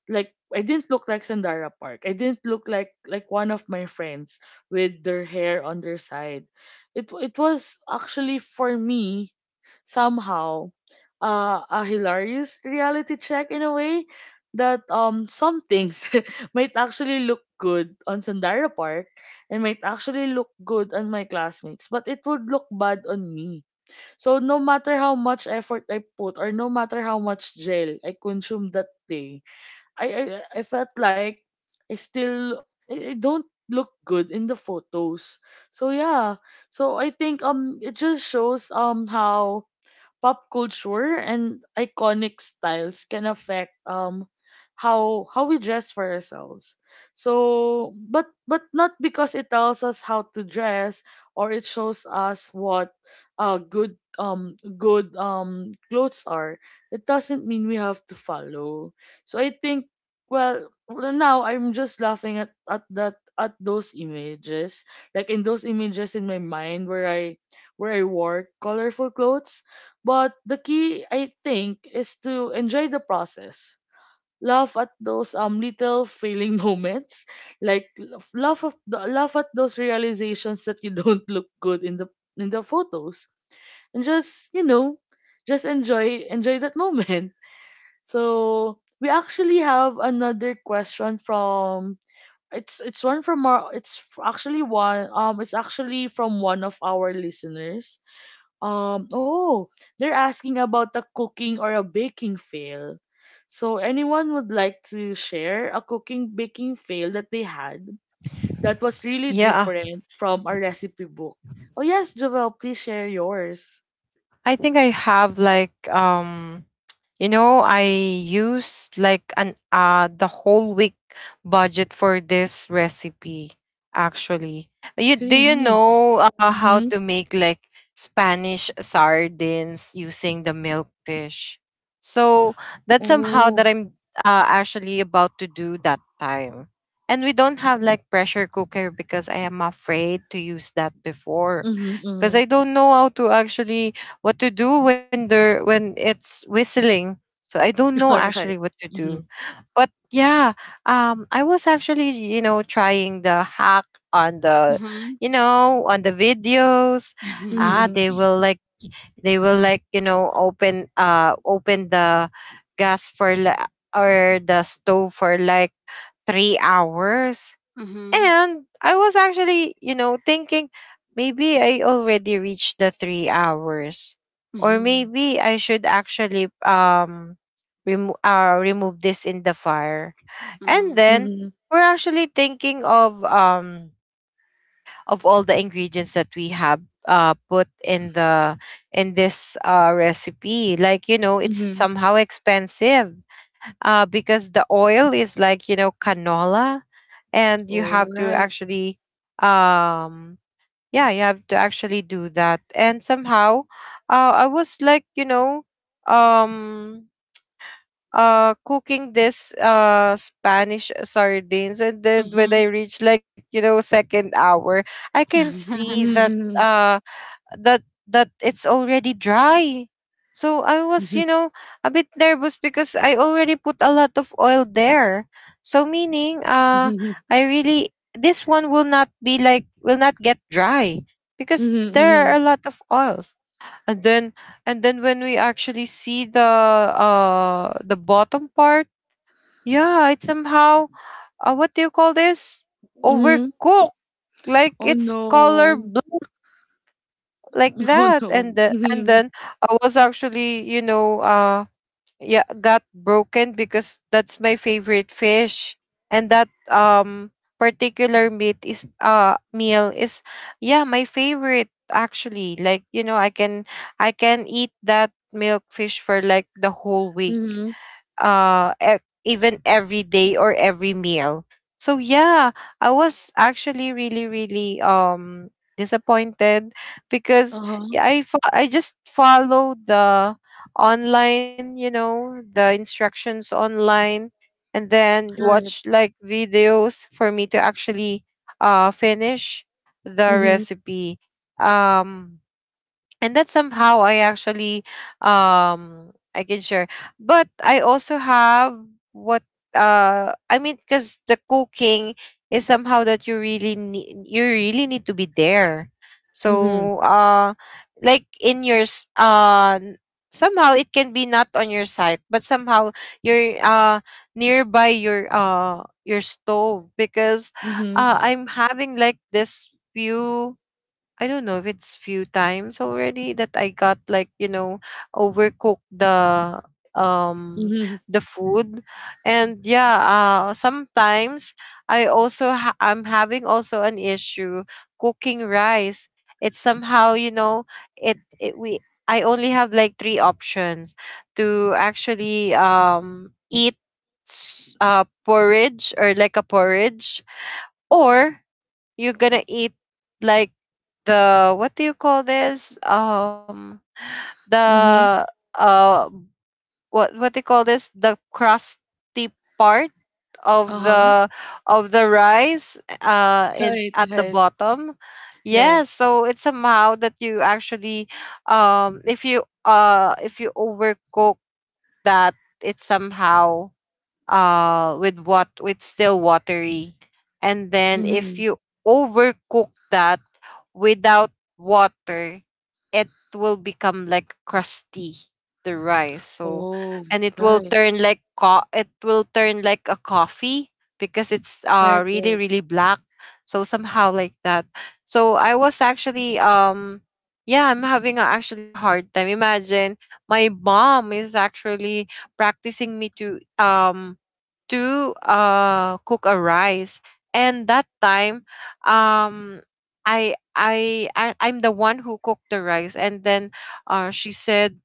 S1: I didn't look like Sandara Park. I didn't look like, one of my friends with their hair on their side. It was actually, for me, somehow, a hilarious reality check in a way that some things might actually look good on Sandara Park and might actually look good on my classmates, but it would look bad on me. So no matter how much effort I put, or no matter how much gel I consumed that day, I felt like I still I don't look good in the photos. So yeah. So I think it just shows how pop culture and iconic styles can affect how we dress for ourselves. So, but not because it tells us how to dress, or it shows us what good clothes are. It doesn't mean we have to follow. So I think, well, right now I'm just laughing at those images, like in those images in my mind where I wore colorful clothes, but the key, I think, is to enjoy the process. Laugh at those little failing moments, like laugh at those realizations that you don't look good in the photos, and just just enjoy that moment. So we actually have another question from, it's actually from one of our listeners. Oh, they're asking about a cooking or a baking fail. So, anyone would like to share a cooking baking fail that they had, that was really
S3: Yeah,
S1: different from a recipe book? Oh, yes, Jovel, please share yours.
S3: I think I have like, you know, I used like an the whole week budget for this recipe actually. You
S1: Really?
S3: know, how
S1: Mm-hmm.
S3: to make like Spanish sardines using the milkfish? So that's somehow
S1: Oh.
S3: that I'm, actually about to do that time. And we don't have like pressure cooker because I am afraid to use that before.
S1: Mm-hmm,
S3: Because
S1: mm-hmm.
S3: I don't know how to actually, what to do when there when it's whistling, so I don't know
S1: All right.
S3: actually what to
S1: Mm-hmm.
S3: do. But yeah, I was actually, you know, trying the hack on the,
S2: Mm-hmm.
S3: you know, on the videos. Ah,
S1: Mm-hmm.
S3: they will like, you know, open the gas for or the stove for like 3 hours.
S2: Mm-hmm.
S3: And I was actually, you know, thinking maybe I already reached the 3 hours, or
S2: Mm-hmm.
S3: maybe I should actually, remove this in the fire. And
S2: Mm-hmm.
S3: then
S1: Mm-hmm.
S3: we're actually thinking of, of all the ingredients that we have, put in the, in this recipe. Like you know, it's
S1: Mm-hmm.
S3: somehow expensive because the oil is like you know canola, and you
S1: All
S3: have to
S1: right.
S3: actually um yeah you have to actually do that and somehow I was like you know um cooking this Spanish sardines, and then when I reach like you know second hour I can
S2: Mm-hmm.
S3: see that
S1: Mm-hmm.
S3: uh that that it's already dry. So I was
S1: Mm-hmm.
S3: you know a bit nervous because I already put a lot of oil there. So meaning
S1: Mm-hmm.
S3: I really this one will not be will not get dry because there are
S1: Mm-hmm.
S3: a lot of oil, and then and then when we actually see the bottom part, yeah it's somehow what do you call this,
S1: Mm-hmm.
S3: overcooked, like
S1: Oh
S3: it's color
S1: no.
S3: like
S1: Oh
S3: that.
S1: no.
S3: And the,
S1: Mm-hmm.
S3: and then I was actually you know yeah got broken because that's my favorite fish. And that particular meat is meal is yeah my favorite, actually, like you know I can I can eat that milk fish for like the whole week,
S1: Mhm.
S3: uh e- even every day or every meal. So yeah, I was actually really really disappointed because
S1: Uh-huh.
S3: yeah, I just followed the online you know the instructions online and then
S1: Right.
S3: watch like videos for me to actually finish the
S1: Mhm.
S3: recipe. um and that's somehow I actually I can share. But I also have what, I mean, because the cooking is somehow that you really need to be there.
S1: Mhm.
S3: So like in your somehow it can be not on your site, but somehow you're nearby your stove, because
S1: Mhm.
S3: I'm having like this few, I don't know if it's few times already that I got like, you know, overcooked um
S1: Mhm.
S3: the food. And yeah, sometimes I also I'm having also an issue cooking rice. It's somehow, you know, it we I only have like three options to actually eat porridge, or like a porridge, or you're gonna eat like the what do you call this?
S1: Mhm.
S3: The uh, what do you call this? The crusty part of
S1: Uh-huh.
S3: the of the rice in
S1: Right.
S3: at the
S1: Right.
S3: bottom. Yeah,
S1: Yes.
S3: so it's somehow that you actually if you overcook that, it somehow with what with still watery. And then if
S1: Mhm.
S3: you overcook that without water, it will become like crusty, the rice. So
S1: Oh.
S3: and it will
S1: Right.
S3: turn like it will turn like a coffee, because it's
S1: Right.
S3: really
S1: Right.
S3: really black. So somehow like that. So I was actually yeah, I'm having a, actually a hard time. Imagine my mom is actually practicing me to cook a rice, and that time um I'm the one who cooked the rice. And then she said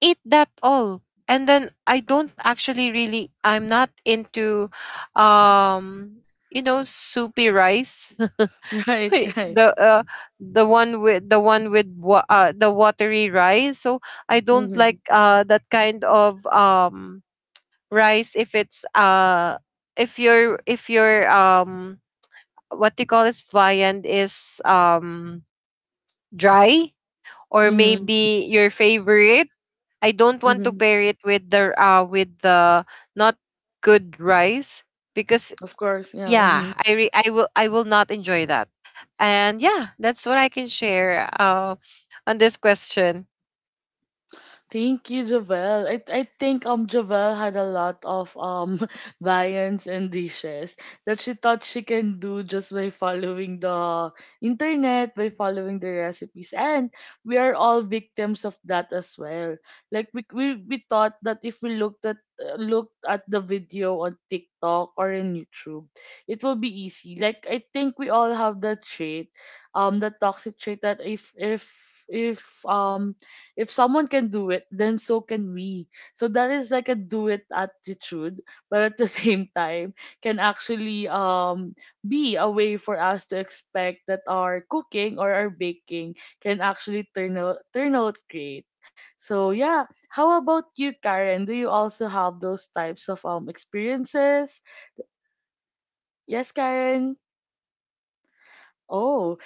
S3: eat that all. And then I don't actually really, I'm not into you know soupy rice
S1: Right. Right.
S3: the uh, the one with the watery rice. So I don't
S1: Mhm.
S3: like that kind of rice if it's if your what do you call this, viand is dry, or
S1: Mhm.
S3: maybe your favorite. I don't want to
S1: Mhm.
S3: pair it with the not good rice, because
S1: Of course. Yeah.
S3: yeah,
S1: Mhm.
S3: I will I will not enjoy that. And yeah, that's what I can share on this question.
S1: Thank you, Javel. I think Javel had a lot of variants and dishes that she thought she can do, just by following the internet, by following the recipes. And we are all victims of that as well. Like we thought that if we looked at, looked at the video on TikTok or in YouTube, it will be easy. Like I think we all have that trait, the toxic trait that if um if someone can do it, then so can we. So that is like a do it attitude, but at the same time can actually be a way for us to expect that our cooking or our baking can actually turn out great. So yeah, how about you, Karen? Do you also have those types of experiences? Yes, Karen. Oh,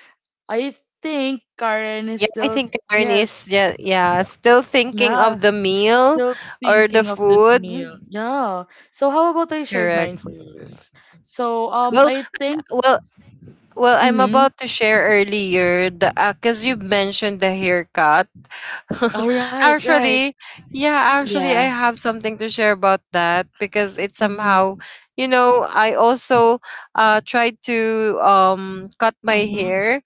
S1: I think Karen is
S3: Yeah, I
S1: still.
S3: think Karen
S1: Yes.
S3: is, yeah,
S1: s-
S3: yeah, still
S1: Yeah,
S3: thinking of the
S1: still
S3: meal,
S1: thinking
S3: or
S1: of
S3: the
S1: that
S3: food.
S1: meal. Yeah. So how about I shared
S3: Correct.
S1: mine first? So
S3: Well,
S1: I think.
S3: well, well. I'm
S1: Mm-hmm.
S3: about to share earlier the because you mentioned the haircut.
S1: All right, right.
S3: Actually, I
S2: Yeah.
S3: have something to share about that, because it
S1: Mm-hmm.
S3: somehow, you know, I also tried to cut my
S2: Mhm.
S3: hair,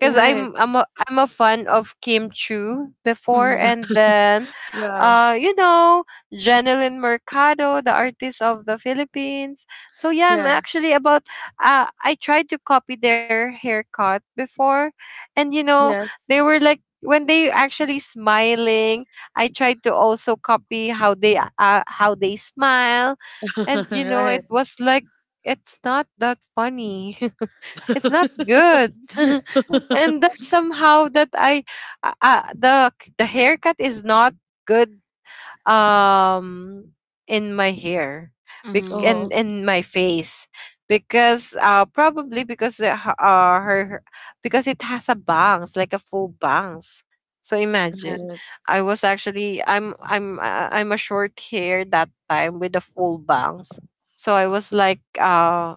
S3: because
S1: Right.
S3: I'm a fan of Kim Chu before,
S2: Mhm.
S3: and then
S1: Yeah.
S3: you know Janelyn Mercado, the artist of the Philippines. So yeah, I'm
S1: Yes.
S3: actually about I tried to copy their haircut before. And you know,
S1: Yes.
S3: they were like when they actually smiling, I tried to also copy how they smile. And you know,
S1: Right.
S3: it was like, it's not that funny, it's not good. And that somehow that I uh, uh, the the haircut is not good um in my hair
S2: Mhm.
S3: and
S1: Oh,
S3: in my face, because probably because the, h- her because it has a bangs, like a full bangs. So imagine,
S1: right.
S3: I was actually I'm a short hair that time with a full bangs. So I was like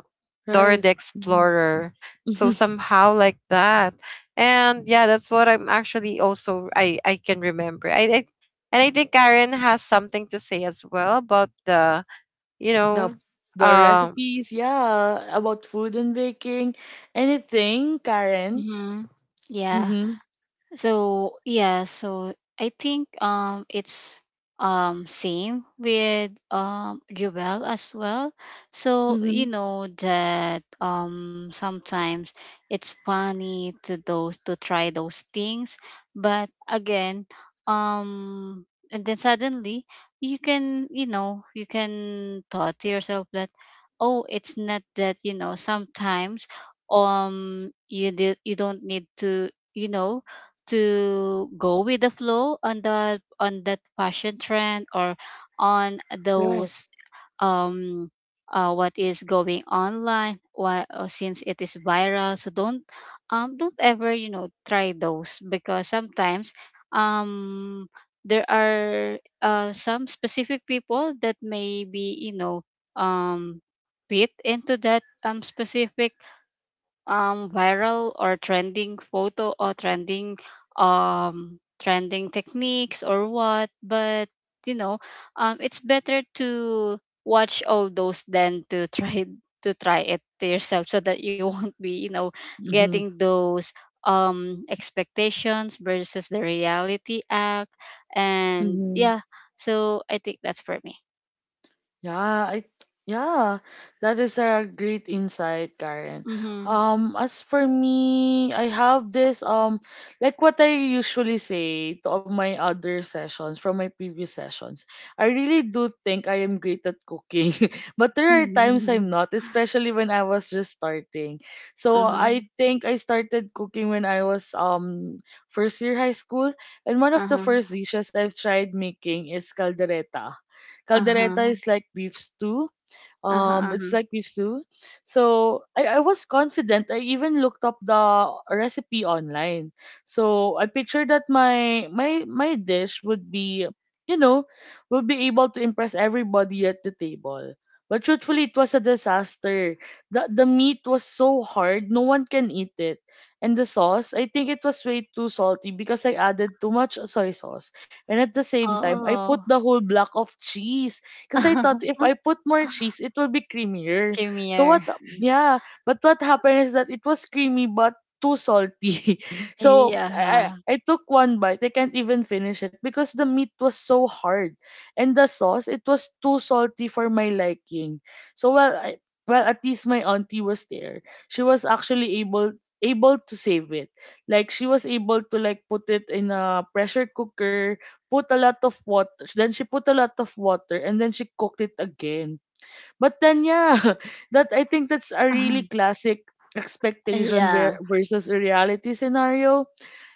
S3: Dora the
S1: Right. Mhm.
S3: Explorer. So somehow like that. And yeah, that's what I'm actually also I can remember I and I think Karen has something to say as well about the, you know,
S1: The
S3: um,
S1: recipes, yeah, about food and baking, anything, Karen.
S2: Mhm. Yeah.
S1: Mhm.
S2: So yeah, so I think it's same with Jewel as well. So you
S1: Mhm.
S2: know that sometimes it's funny to those to try those things, but again, and then suddenly you can, you know, you can thought to yourself that, oh it's not that, you know, sometimes you don't need to, you know, to go with the flow on the on that fashion trend or on
S1: Right.
S2: those um what is going online. Why, since it is viral, so don't ever, you know, try those, because sometimes um there are, some specific people that may be you know, um fit into that specific viral or trending photo, or trending trending techniques or what. But you know, it's better to watch all those than to try to try it to yourself, so that you won't be, you know,
S1: Mhm.
S2: getting those expectations versus the reality app. And
S1: Mhm.
S2: yeah, so I think that's for me.
S1: Yeah, yeah, that is a great insight, Karen.
S2: Mm-hmm.
S1: As for me, I have this like what I usually say to all my other sessions, from my previous sessions. I really do think I am great at cooking, but there are times I'm not, especially when I was just starting. So I
S2: Uh-huh.
S1: think I started cooking when I was first year high school, and one of the
S2: Uh-huh.
S1: first dishes I've tried making is caldereta. Caldereta
S2: Uh-huh.
S1: is like beef stew.
S2: Uh-huh.
S1: It's
S2: Uh-huh.
S1: like beef stew. So I was confident. I even looked up the recipe online. So I pictured that my dish would be, you know, would be able to impress everybody at the table. But truthfully, it was a disaster. The meat was so hard, no one can eat it. And the sauce, I think it was way too salty, because I added too much soy sauce. And at the same time, I put
S2: Oh.
S1: the whole block of cheese. Because I thought if I put more cheese, it will be creamier. So
S2: Creamier.
S1: what, yeah. But what happened is that it was creamy, but too salty. So I,
S2: Yeah.
S1: I I took one bite. I can't even finish it because the meat was so hard. And the sauce, it was too salty for my liking. So, well, at least my auntie was there. She was actually able to save it, like she was able to like put it in a pressure cooker, put a lot of water. Then she put a lot of water, and then she cooked it again. But then yeah, that I think that's a really classic expectation
S2: Yeah.
S1: versus a reality scenario,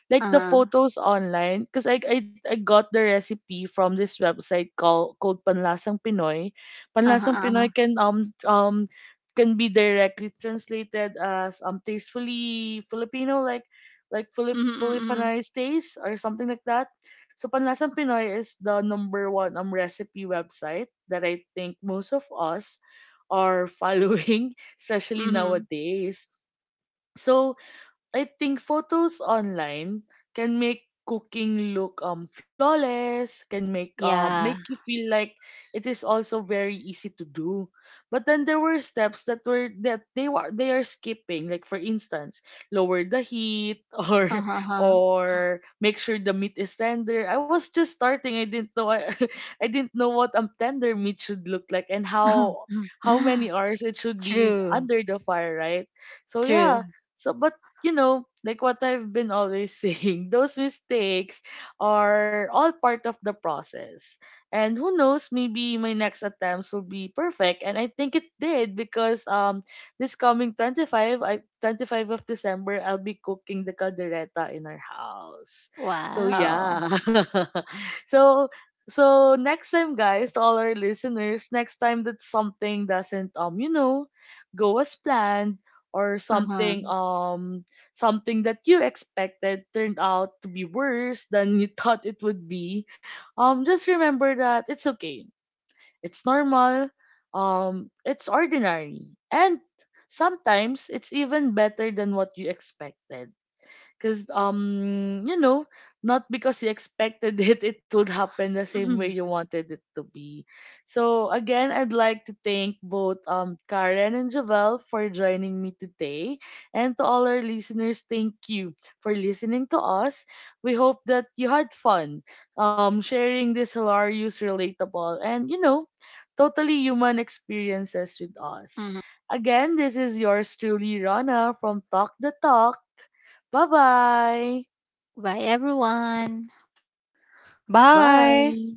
S1: like the
S2: Uh-huh.
S1: photos online, because I got the recipe from this website called, Panlasang Pinoy.
S2: Uh-huh,
S1: Panlasang Pinoy
S2: uh-huh.
S1: can, can be directly translated as tastefully Filipino, like like
S2: Mm-hmm, mm-hmm.
S1: Filipanized taste or something like that. So Panlasang Pinoy is the number one recipe website that I think most of us are following, especially
S2: Mm-hmm.
S1: nowadays. So I think photos online can make cooking look flawless, can make make
S2: Yeah.
S1: you feel like it is also very easy to do. But then there were steps that were, that they were they are skipping. Like for instance, lower the heat,
S2: Uh-huh.
S1: or make sure the meat is tender. I was just starting. I didn't know, I didn't know what tender meat should look like, and how
S2: Uh-huh.
S1: how many hours it should be
S2: True.
S1: under the fire, right? So
S2: True.
S1: yeah. So but you know, like what I've been always saying, those mistakes are all part of the process. And who knows, maybe my next attempts will be perfect. And I think it did, because this coming 25th, I 25th of December, I'll be cooking the caldereta in our house. So
S2: Wow.
S1: yeah. So next time, guys, to all our listeners, next time that something doesn't, go as planned, or something,
S2: Uh-huh.
S1: something that you expected turned out to be worse than you thought it would be, just remember that it's okay. It's normal. It's ordinary. And sometimes it's even better than what you expected, because not because you expected it would happen the same way
S2: Mm-hmm.
S1: you wanted it to be. So again, I'd like to thank both Karen and Javel for joining me today, and to all our listeners, thank you for listening to us. We hope that you had fun, sharing these hilarious, relatable, and totally human experiences with us.
S2: Mm-hmm.
S1: Again, this is yours truly, Rana from Talk the Talk. Bye-bye.
S2: Bye everyone.
S3: bye.
S1: Bye.